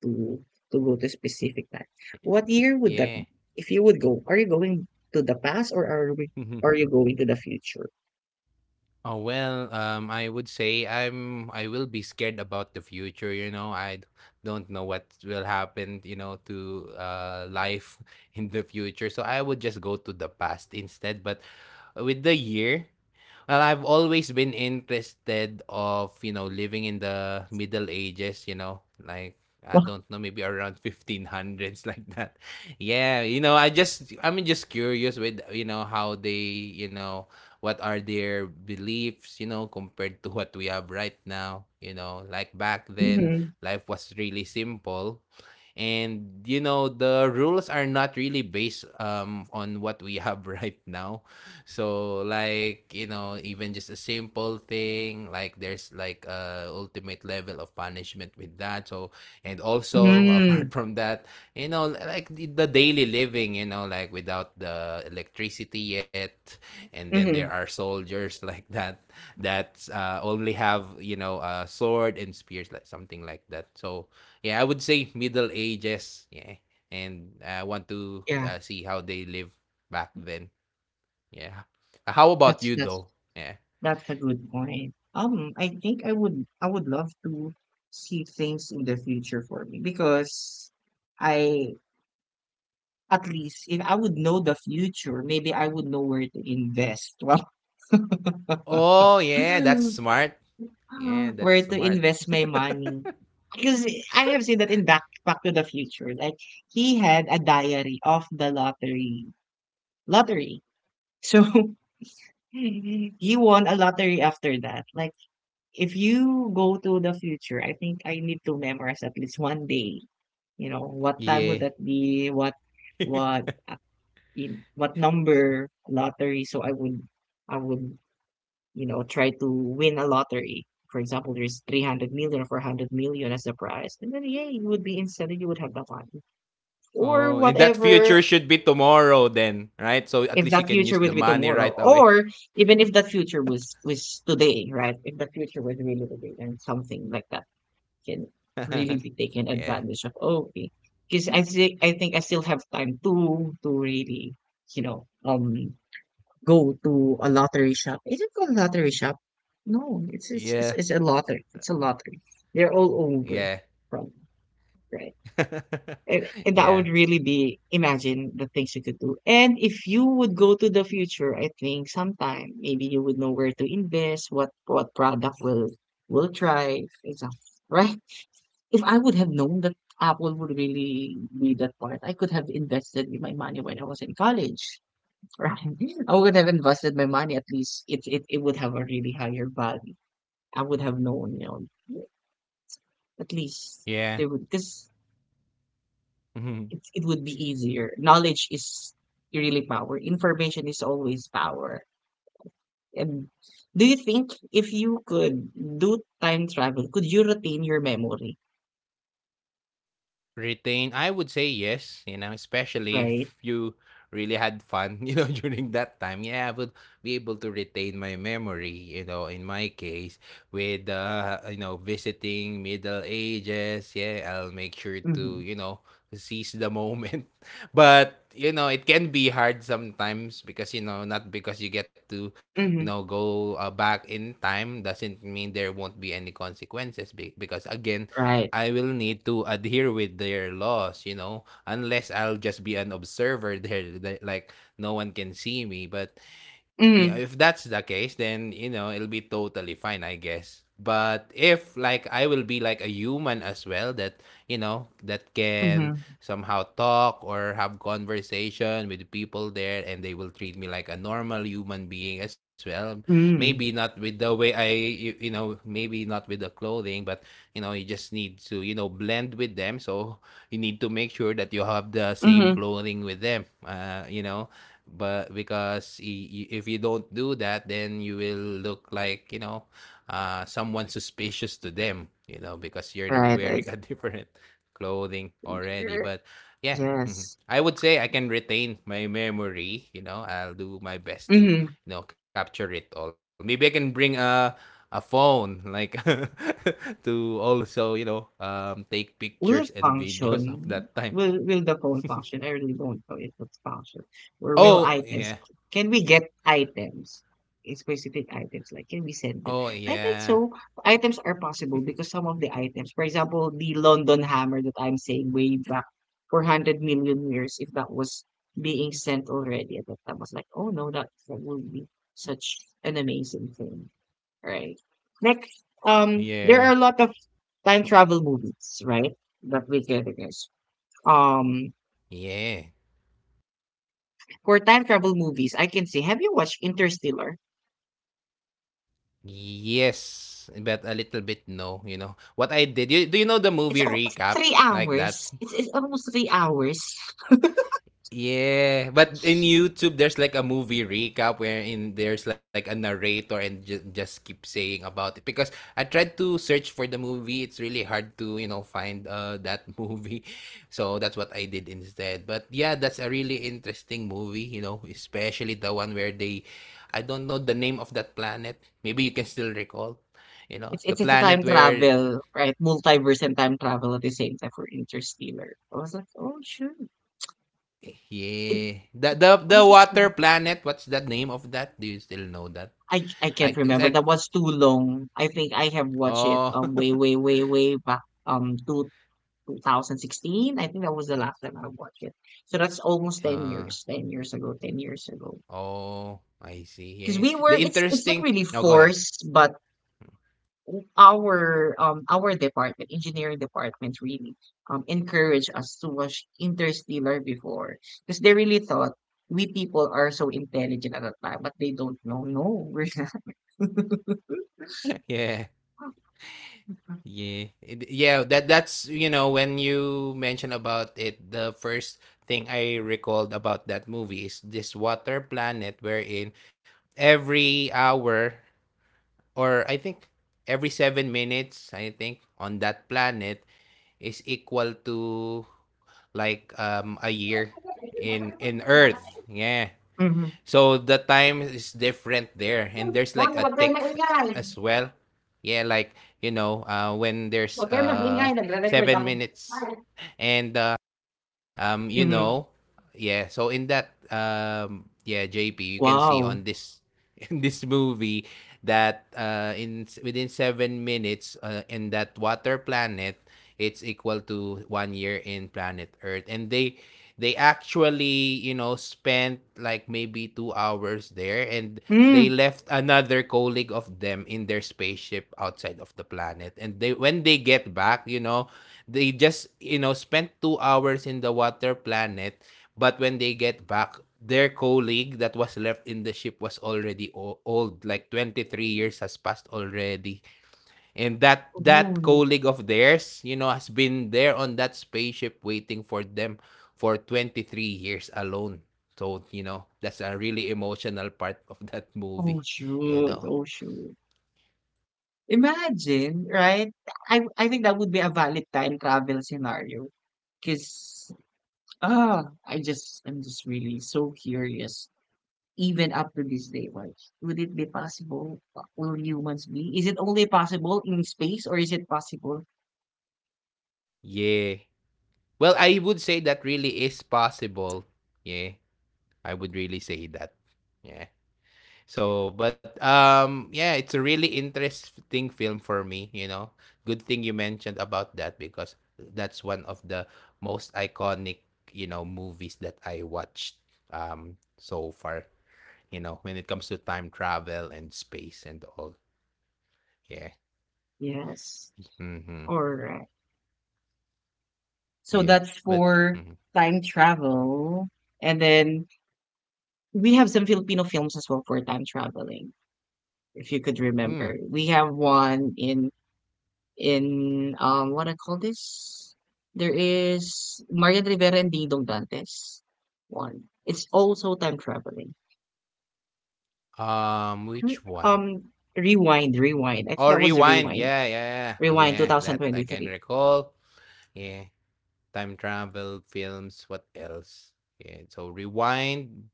to to go to specific time. What year would that
yeah.
be? If you would go, are you going to the past, or
[laughs] Mhm.
are you going to the future?
Oh, well, I would say I will be scared about the future, you know, don't know what will happen, you know, to, life [laughs] in the future, so I would just go to the past instead, but with the year, well, I've always been interested of, you know, living in the Middle Ages, you know, like I don't know, maybe around [laughs] 1500s like that. [laughs] Yeah, you know, I'm just curious with, you know, how they, you know, what are their beliefs, you know, compared to what we have right now, you know, like back then
Mm-hmm.
life was really simple, and you know the rules are not really based on what we have [laughs] right now. So like, you know, even just a simple thing, like there's like a ultimate level of punishment with that. So and also, [laughs]
Mm-hmm.
apart from that, you know, like the daily living, you know, like without the electricity yet. And then there are soldiers [laughs] like that that only have, you know, a sword and spears, like something like that. So yeah, I would say Middle Ages. Yeah. And I want to
Yeah,
see how they live back then. Yeah. How about
that's
you
that's
though? Yeah.
that's a good point. I think I would love to see things in the future for me because I, at least if I would know the future, maybe I would know where to invest. [laughs]
Oh, yeah, that's
Well,
smart. Yeah,
[laughs]
that's
where to
smart.
invest my money. Because I have seen that in Back to the Future. Like, he had a diary of the lottery. So [laughs] he won a lottery after that. Like, if you go to the future, I think I need to memorize at least one day. You know, what time would
Yeah.
that be? What
[laughs]
what uh, in what number lottery? So I would you know try to win a lottery. For example, there's 300 million or 400 million as the prize, and then yeah, you would be instantly you would have the money or
Oh, and that
whatever.
future should be tomorrow then, right? So at
If
least you
that
can
future
use the
would be
money
tomorrow,
right away.
or even if that future was today, right? If the future was really today, then something like that can
[laughs]
really be taken
Yeah.
advantage of. Oh, okay, because I think I still have time to really, you know, um, go to a lottery shop. Is it called lottery shop? No,
Yeah.
it's a lottery. It's a lottery. They're all over
Yeah.
from right.
[laughs]
And that
yeah.
would really be imagine the things you could do. And if you would go to the future, I think sometime maybe you would know where to invest, what product will thrive, example, right? If I would have known that Apple would really be that part, I could have invested my money when I was in college. [laughs] Right? I would have invested my money at least it would have a really higher value. I would have known, you know, at least
Yeah.
they would because
[laughs]
it would be easier. Knowledge is really power. Information is always power. And do you think if you could do time travel, could you retain your memory?
Retain, I would say yes, you know, especially
Right?
if you really had fun, [laughs] you know, during that time. Yeah, I would be able to retain my memory, you know, in my case, with, you know, visiting Middle Ages. Yeah, I'll make sure to,
Mm-hmm.
you know, seize the moment. [laughs] But, you know, it can be hard sometimes because, you know, not because you get to, you know,
Mm-hmm.
go back in time doesn't mean there won't be any consequences because, again,
Right.
I will need to adhere with their laws, you know, unless I'll just be an observer there, that, like no one can see me. But yeah,
Mm-hmm.
if that's the case, then you know it'll be totally fine, I guess. But if like I will be like a human as well, that you know that can
Mm-hmm.
somehow talk or have conversation with people there, and they will treat me like a normal human being as well. Maybe
Mm,
not with the way you know maybe not with the clothing, but you know you just need to you know blend with them. So you need to make sure that you have the same
mhm.
clothing with them. You know, but because if you don't do that then you will look like you know someone suspicious to them, you know, because you're
Right.
wearing
It's,
a [laughs] different clothing already. But yeah. [laughs] Mhm.
yes.
I would say I can retain my memory, you know, I'll do my best to,
Mhm.
you know, capture it all. Maybe I can bring a phone like [laughs] to also you know take pictures
Will
and [laughs]
it
videos of that time.
function? Will the phone function? I really don't know if it's function. Or will
Oh
items?
yeah.
Can we get items? Eh, specific items, like can we send them?
Oh
I think
yeah.
so. Items are possible because some of the items, for example, the London hammer that I'm saying way back, 400 million years, if that was being sent already at that time, I was like, oh no, that would be such an amazing thing. Right. Next, there are
Yeah.
a lot of time travel movies, right? That we can guess. Um,
Yeah.
for time travel movies, I can say, have you watched Interstellar?
Yes, but a little bit no, you know. What I did, you, do you know the movie
It's almost
recaps
three
like that?
hours. It's almost 3 hours.
Yeah, but in YouTube, there's like a movie recap wherein there's like a narrator and just keep saying about it, because I tried to search for the movie. It's really hard to you know find that [laughs] movie, so that's what I did instead. But yeah, that's a really interesting movie. You know, especially the one where they, I don't know the name of that planet. Maybe you can still recall. You know,
It's,
the
it's it's a
planet
time
where...
travel, right? Multiverse and time travel at the same time for Interstellar. I was like, oh sure. It,
yeah. The the
I
the
was sure.
water planet, what's the name of that? Do you still know that?
I
I
can't
because
remember.
I
That was too long. I think I have watched it
oh
way way way way back two 2016. I think that was the last time I watched it. So that's almost
[laughs]
10
uh,
years, 10 years ago, 10 years ago.
oh, I see.
Because
Yeah.
we were,
The
it's not
interesting...
really
no, go ahead.
forced, but our department, engineering department, really encouraged us to watch Interstellar before because they really thought we people are so intelligent at that time, but they don't know. No, we're not. [laughs]
[laughs] Yeah. Yeah, that's you know, when you mention about it, the first thing I recalled about that movie is this water planet wherein every hour, or I think every 7 minutes, I think, on that planet is equal to like a year in Earth. Yeah.
Mhm.
So the time is different there. And there's
Lang,
like a
huwag kayong
tick
maingay.
as well. Yeah, like you know, when there's
Huwag kayong maingay. Nagre-record
seven
ako.
minutes and you
Mhm.
know, yeah, so in that yeah, JP, you can see
Wow.
on this [laughs] in this movie that in within 7 minutes in that water planet, it's equal to one year in planet Earth, and they actually you know spent like maybe 2 hours there, and they
Mm.
left another colleague of them in their spaceship outside of the planet, and they when they get back, you know, they just you know spent 2 hours in the water planet. But when they get back, their colleague that was left in the ship was already old, like 23 years has passed already. And that
Oh,
that
no.
colleague of theirs, you know, has been there on that spaceship waiting for them for 23 years alone. So, you know, that's a really emotional part of that
Oh,
movie, you
shoot.
know.
Oh, shoot. Imagine, right? I think that would be a valid time travel scenario. Cause ah, I'm just really so curious. Even up to this day, why would it be possible? Will humans be? Is it only possible in space, or is it possible?
Yeah. Well, I would say that really is possible. Yeah. I would really say that. Yeah. So, but yeah, it's a really interesting film for me. You know, good thing you mentioned about that because that's one of the most iconic, you know, movies that I watched so far. You know, when it comes to time travel and space and all. Yeah.
Yes.
Mm-hmm.
Alright. So
Yeah.
that's
But
for
mhm.
time travel, and then we have some Filipino films as well for time traveling. If you could
Hmm.
remember. We have one in what I call this? There is Marian Rivera and Ding Dong Dantes. One. It's also time traveling.
Which one?
Rewind. I think
Oh,
that was
rewind.
rewind.
Yeah, yeah, yeah. Oh,
Rewind
yeah. That I can
2023.
recall. Yeah. Time travel films. What else? Yeah, so Rewind.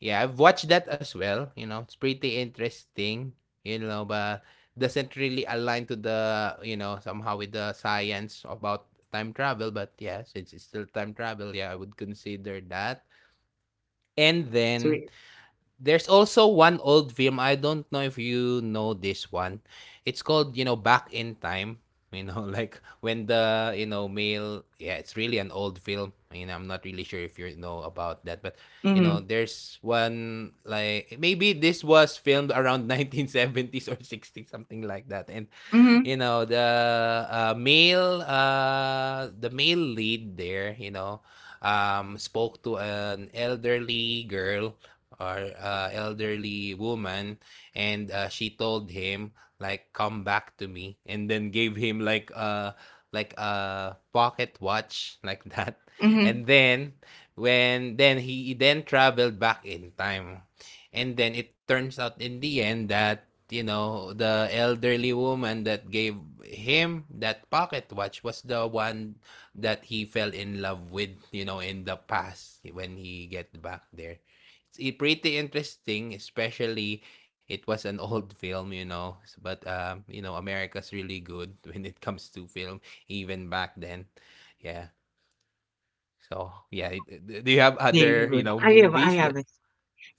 Yeah, I've watched that as well. You know, it's pretty interesting. You know, but doesn't really align to the you know somehow with the science about time travel. But yeah, since it's still time travel, yeah, I would consider that. And
So,
then... there's also one old film. I don't know if you know this one. It's called, you know, Back in Time. You know, [laughs] like when the, you know, male, yeah, it's really an old film. I mean, I'm not really sure if you know about that, but you
mm-hmm,
know, there's one like maybe this was filmed around [laughs] 1970s or 60s, something like that. And you
mm-hmm,
know, the male, the male lead there, you know, spoke to an elderly girl or elderly woman and she told him like come back to me and then gave him like a pocket watch [laughs] like that,
mm-hmm.
and then when then he then traveled back in time, and then it turns out in the end that you know the elderly woman that gave him that pocket watch was the one that he fell in love with, you know, in the past when he get back there. It's pretty interesting, especially it was an [laughs] old film, you know. But you know, America's really good [laughs] when it comes to film, even back then. Yeah. So yeah, do you have
There you
other
go.
you know
I
movies
have
that?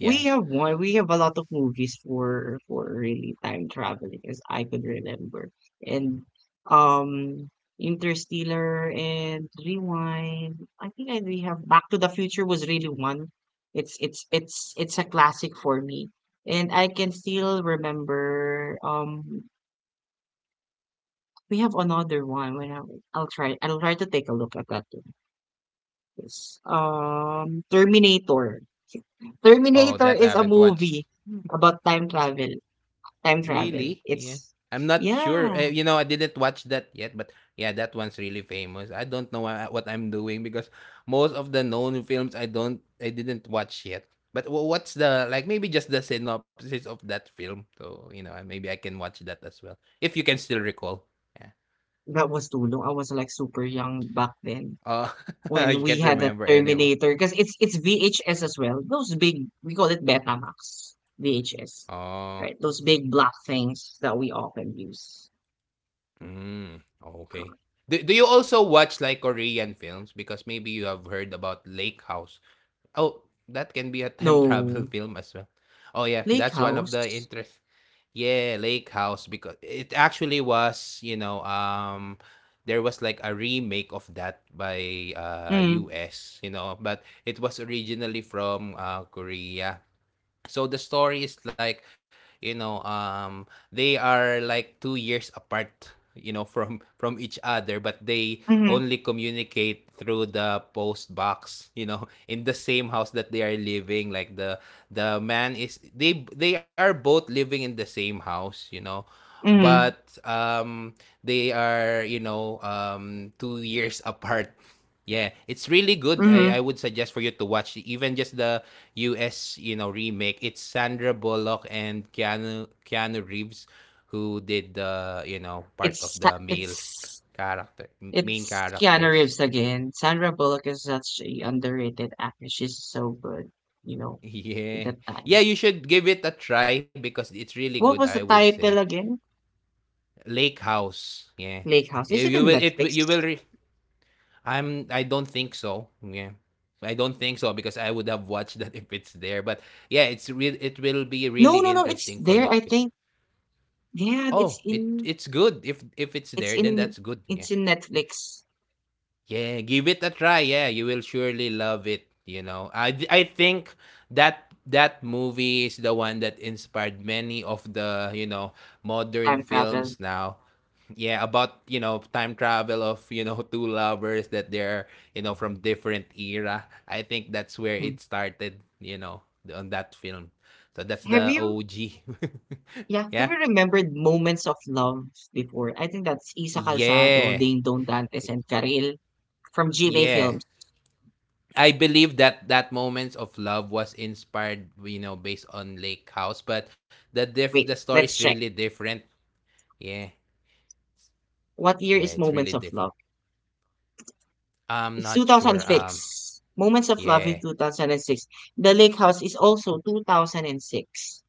we have one. We have a lot of movies for really time traveling, as I could remember. And um, Interstellar and Rewind. I think I we have Back to the Future was really one. It's a classic for me, and I can still remember. We have another one. I'll try to take a look at that one. Yes. Terminator.
Oh,
Terminator
that I
is a
haven't watched.
movie about time travel. Time travel,
Really? Yeah.
it's
I'm not sure.
Yeah,
You know, I didn't watch that yet, but yeah, that one's really famous. I don't know what I'm doing because most of the known films I didn't watch yet. But what's the like maybe just the synopsis of that film? So, you know, maybe I can watch that as well. If you can still recall. Yeah.
that was too long. I was, like, super young back then
Oh, [laughs] you
when we
can't
had a
remember anyone.
Terminator. Cause it's VHS as well. Those big, we call it Betamax, VHS,
Oh.
right? Those big black things that we often use.
Mm, okay.
Correct.
Do, do you also watch like Korean films because maybe you have heard about Lake House? Oh, that can be a time travel
No,
[laughs] film as well. Oh yeah,
Lake
that's one of the
House.
interest. Yeah, Lake House because it actually was, you know, there was like a remake of that by
Mm,
US, you know, but it was originally from Korea. So the story is like you know they are like 2 years apart you know [laughs] from each other, but they
mhm,
only communicate through the post box you know [laughs] in the same house that they are living, like the... the man is... they are both living in the same house you know,
mhm,
but they are you know 2 years [laughs] apart. Yeah, it's really good. I
mhm.
would suggest for you to watch even just the US, you know, remake. It's Sandra Bullock and Keanu Reeves who did the, you know, part
It's
of
Sa
the male
it's
character, main
it's Keanu
characters.
Reeves
[laughs]
again. Sandra Bullock is such a underrated actress. She's so good, you know, at
Yeah.
that
Yeah,
time.
you should give it a try because it's really good,
What
I
was the
would say.
title again?
Lake House. Yeah.
Lake House.
Eh,
Is it in Netflix?
You will I'm... I don't think so. Yeah. I don't think so because I would have watched that [laughs] if it's there. But yeah, it's real it will be
No,
really
no, no. It's
interesting for
there,
you.
I think. Yeah,
Oh, it it's good. If it's there,
it's
then that's
in
good. Yeah.
it's in Netflix.
Yeah, give it a try. Yeah, you will surely love it, you know. I think that that movie is the one that inspired many of the, you know, modern
Time
films
travel.
now, yeah, about you know time travel of you know [laughs] two lovers that they're you know from different era. I think that's where
Hmm.
it started, you know, on that film. So that's
Have
the
you
OG. [laughs]
Yeah, have
Yeah.
you remembered Moments of Love before? I think that's Isa Calzado,
Yeah.
Ding Dong Dantes, and Karel from GMA
Yeah,
Films.
I believe that that moments of love was inspired you know based on Lake House, but the diff
Wait,
the
let's
story's
check.
really different. Yeah.
What year
Yeah,
is
it's
Moments
really
of Love?
different. I'm
It's
not sure,
2006. Moments of Love is
yeah.
2006. The Lake House is also 2006.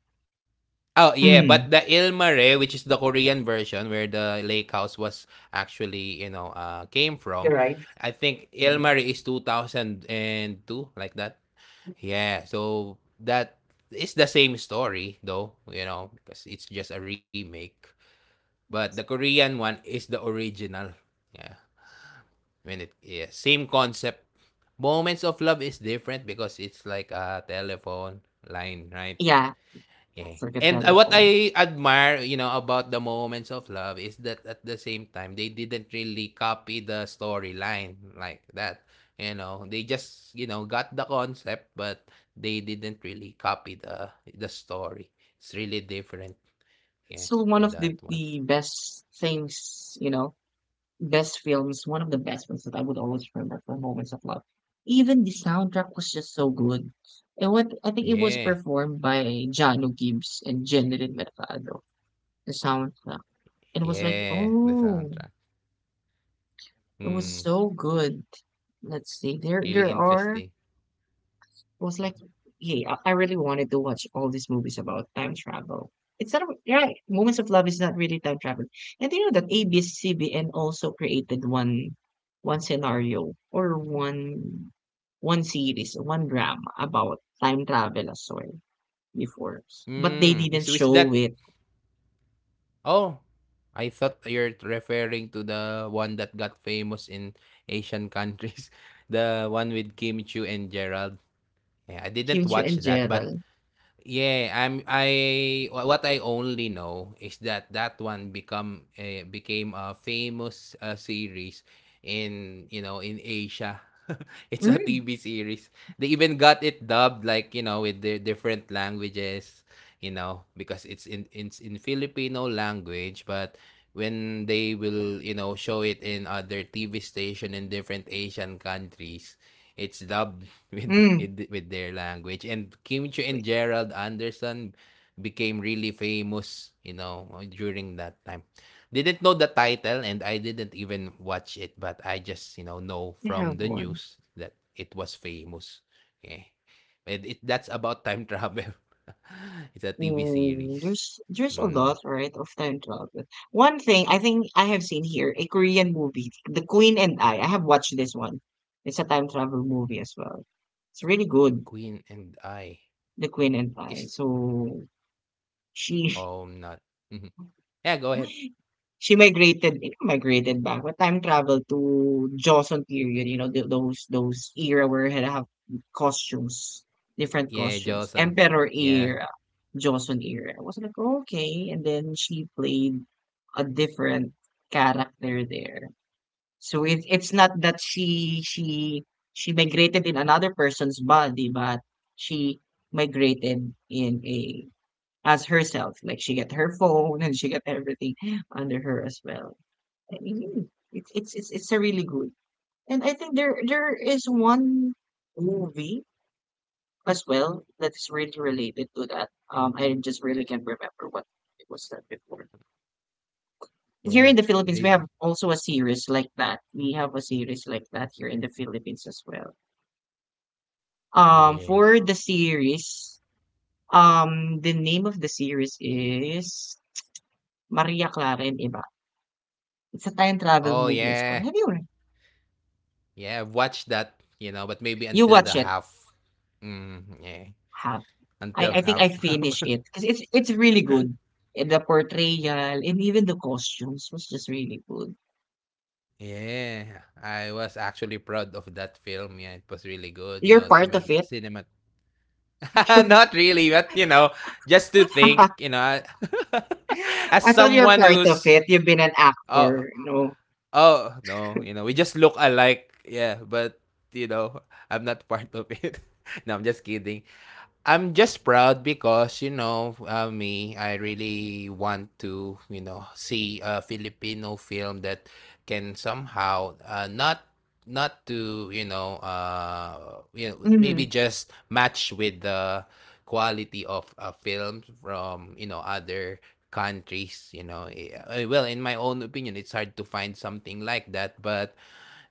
Oh yeah, but
Mm.
the Ilmare, which is the Korean version where the lake house was actually, you know, came
You're
from,
right.
I think
Mm-hmm.
Ilmare is 2002, like that. Yeah, so that is the same story though, you know, because it's just a remake. But the Korean one is the original. Yeah, when it... yeah, same concept. Moments of Love is different because it's like a telephone line, right?
Yeah,
Yeah.
forget
And what
telephone.
I admire, you know, about the moments of love is that at the same time they didn't really copy the storyline like that. You know, they just you know got the concept, but they didn't really copy the story. It's really different.
It's
Yeah,
still one
with
of
that
the
one.
the best things, you know, best films, one of the best ones that I would always remember for Moments of Love. Even the soundtrack was just so good. It, what I think it was
Yeah,
performed by Jano Gibbs and Jennifer Mercado, the soundtrack. And it was like,
yeah, the
oh,
soundtrack.
it was
Mm,
so good. Let's see. There
really
there are
interesting.
was like, Hey, I really wanted to watch all these movies about time travel. It's not right. Moments of Love is not really time travel. And you know that ABCBN also created one scenario or one series, one drama about time travel as well before. But they
Mm, is
didn't
with...
show it.
oh, I thought you're referring to the one that got famous in Asian countries, [laughs] the one with Kim Chu and Gerald. Yeah, I didn't
Kim Chu
watch
and
that, but
Gerald.
yeah, I'm I wha what I only know is that that one become eh, became a famous, series in, you know, in Asia. [laughs] It's a
Mm,
TV series. They even got it dubbed, like, you know, with their different languages, you know, because it's in Filipino language, but when they will, you know, show it in other TV station in different Asian countries, it's dubbed
mm.
with their language. And Kim Chu and
Wait,
Gerald Anderson became really famous, you know, during that time. Didn't know the title and I didn't even watch it, but I just, you know
they have
from the
one.
news that it was famous. Yeah. And it, that's about time travel. [laughs] It's a TV
Mm,
series.
there's a
Mm.
lot, right, of time travel. One thing I think I have seen here, a Korean movie, The Queen and I. I have watched this one. It's a time travel movie as well. It's really good,
Queen and I
The Queen and I.
is...
So she
oh, not. Mhm. Yeah, go ahead.
she migrated, you know, migrated back, but time travel to Joseon period, you know, th those era where they have costumes, different
Yeah,
costumes.
Johnson.
Emperor
Yeah.
era, Joseon era. I was like, okay. And then she played a different character there. So it's not that she she migrated in another person's body, but she migrated in a, as herself. Like she got her phone and she got everything under her as well. I mean, it's a really good. And I think there is one movie as well that's really related to that. I just really can't remember what it was that before. Here
Yeah.
in the Philippines, we
They...
have also a series like that. We have a series like that here in the Philippines as well.
yeah.
For the series, the name of the series is Maria Clara and Iba. It's a time travel
Oh
movie as
yeah,
well. Have you,
yeah. I've watched that, you know, but maybe
you
until
watch
the
it?
half. Mm, yeah,
Have.
until
I think I
half.
finished
[laughs]
it because it's really good. Eh, the portrayal and even the costumes was just really good.
Yeah, I was actually proud of that film. Yeah, it was really good. You
You're
know,
part
cinema,
of it.
cinema. [laughs]
[laughs]
Not really, but you know, just to think, you know, [laughs] as
I thought you're
someone
part of
who's...
it. You've been an
oh,
actor, you know.
oh no, you know, we just look alike. Yeah, but you know, I'm not part of it. [laughs] No, I'm just kidding. I'm just proud because you know me. I really want to you know see a Filipino film that can somehow not... not to you know maybe
Hmm.
just match with the quality of films from you know other countries, you know. Eh, well, in my own opinion it's hard to find something like that, but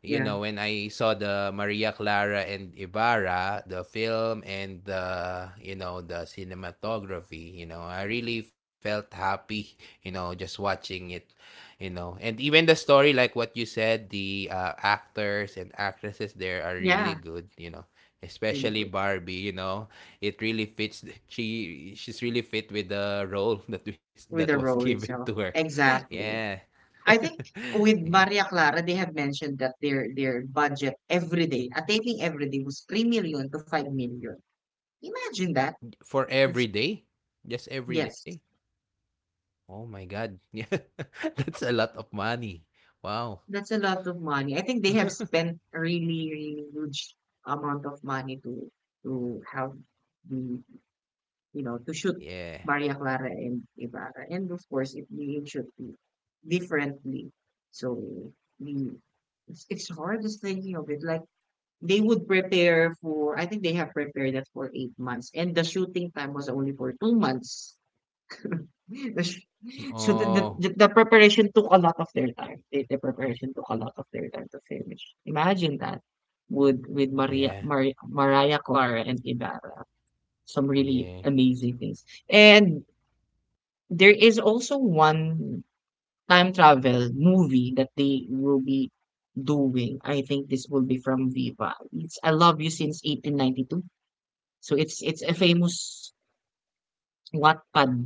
you
Yeah.
know, when I saw the Maria Clara and Ibarra, the film and the, you know, the cinematography, you know, I really felt happy, [laughs] you know, just watching it, you know. And even the story, like what you said, the actors and actresses there are really
Yeah.
good, you know.
Really
Especially
good.
Barbie, you know, it really fits. She's really fit with the role [laughs] that was
With the role
given to her.
itself.
[laughs] Yeah,
Exactly.
[laughs]
I think with
yeah.
Maria Clara, they have mentioned that their budget every day, a taping every day was 3 million to 5 million. Imagine that.
For every day? Just every day?
Yes,
Oh my God. [laughs] Yeah. That's a lot of money. Wow.
that's a lot of money. I think they have
[laughs]
spent a really, really huge amount of money to have the, you know, to shoot
Yeah.
Maria Clara and Ibarra, and of course it being shoot di- differently. So the, it's hard just thinking of it. Like they would prepare for, I think they have prepared that for 8 months, and the shooting time was only for 2 months. [laughs] So the
Oh,
the preparation took a lot of their time. The preparation took a lot of their time to finish. Imagine that with
yeah.
Mariah Clara and Ibarra. Some really
Yeah.
amazing things. And there is also one time travel movie that they will be doing. I think this will be from Viva. It's I Love You Since 1892. So it's a famous Wattpad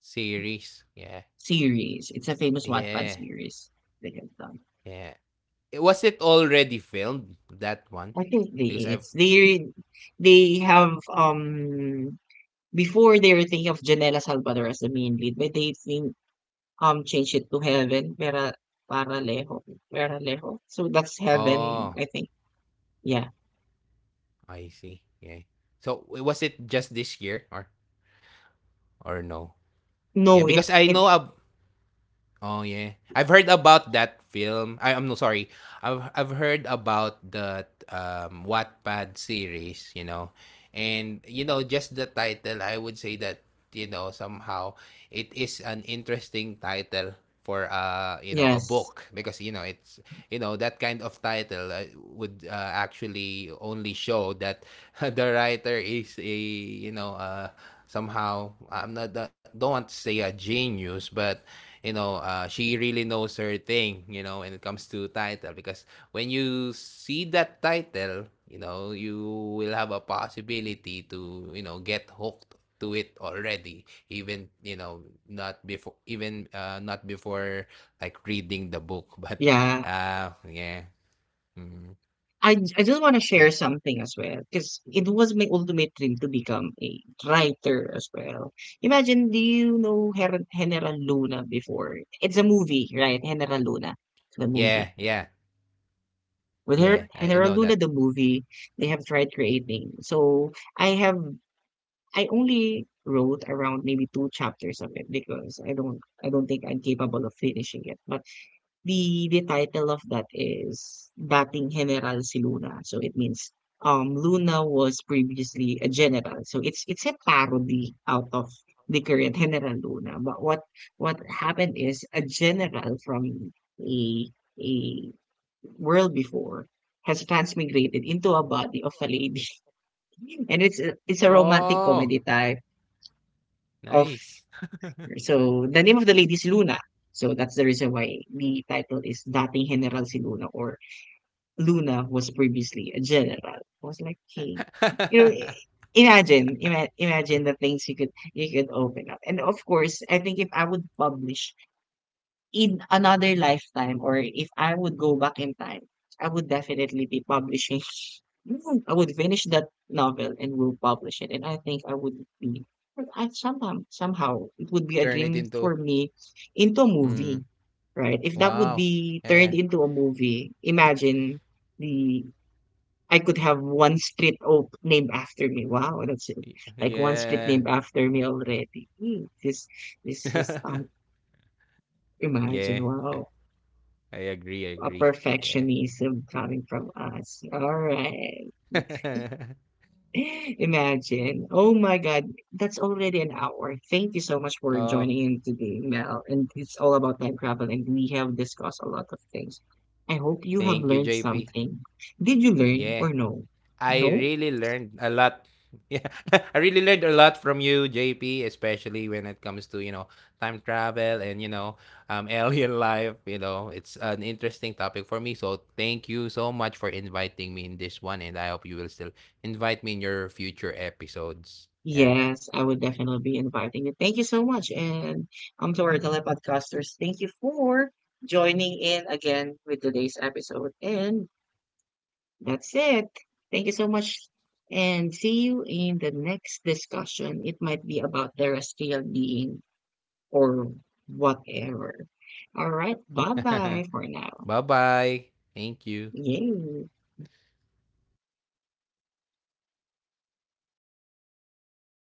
Series. Yeah.
series. It's a famous Wattpad
Yeah.
series they have done.
Yeah. Eh, was it already filmed, that one?
I think they
Because I've...
it's They have, before they were thinking of Janela Salvador as the main lead, but they think, changed it to Heaven Pera Paralejo Paralejo. So that's Heaven,
oh,
I think. Yeah.
I see. Yeah. So was it just this year or no? Yeah,
No, it
because I
it
know ab oh yeah, I've heard about that film. I'm no, sorry. I've heard about the Wattpad series, you know, and you know just the title. I would say that you know somehow it is an interesting title for you know a
Yes.
book because you know it's... you know that kind of title would actually only show that [laughs] the writer is a you know somehow I'm not... don't want to say a genius, but you know, she really knows her thing, you know, when it comes to title. Because when you see that title, you know, you will have a possibility to, you know, get hooked to it already even you know not before like reading the book [laughs] but
Yeah.
yeah. Mm,
I just wanna share something as well because it was my ultimate dream to become a writer as well. Imagine, do you know Her General Luna before? It's a movie, right? General Luna, the movie.
yeah. Yeah.
With
Yeah,
her
I
General
know
Luna,
that.
the movie, they have tried creating. So I have I only wrote around maybe two chapters of it because I don't think I'm capable of finishing it. But the title of that is Dating General si Luna. So it means, Luna was previously a general. So it's a parody out of the current General Luna. But what happened is a general from a a world before has transmigrated into a body of a lady. [laughs] And it's a romantic
Oh,
comedy type of,
nice.
so the name of the lady is Luna. So that's the reason why the title is Dating General si Luna, or Luna was previously a general. I was like, hey, you know,
[laughs]
imagine, imagine the things you could, you could open up. And of course, I think if I would publish in another lifetime or if I would go back in time, I would definitely be publishing. [laughs] I would finish that novel and will publish it. And I think I would be, I, sometime, somehow, it would be a
Turn it
dream
into...
for me into a
mm,
movie, right? If that would
wow,
be
yeah.
turned into a movie, imagine the, I could have one street op- named after me. Wow, that's it. Like one street
Yeah.
named after me already. Hmm. This is,
[laughs] Yeah.
imagine,
I
wow.
I agree, I
A
agree. Yeah.
perfectionism coming from us. All right.
[laughs]
[laughs] Imagine. Oh my God. That's already an hour. Thank you so much for
Oh,
joining in today, Mel. And it's all about time travel, and we have discussed a lot of things. I hope you have
thank you,
learned
JP.
something. Did you learn
Yeah.
or no?
I
No?
really learned a lot. [laughs] Yeah. [laughs] I really learned a lot from you, JP, especially when it comes to, you know, time travel and, you know, [laughs] alien life, you know. It's an interesting topic for me. So thank you so much for inviting me in this one and I hope you will still invite me in your future episodes. Yeah.
Yes, I would definitely be inviting you. Thank you so much. And, to our telepodcasters, thank you for joining in again with today's episode. And that's it. Thank you so much. And see you in the next discussion. It might be about terrestrial being or whatever. All right. Bye
[laughs]
bye for now.
Bye-bye. Thank you.
Yay.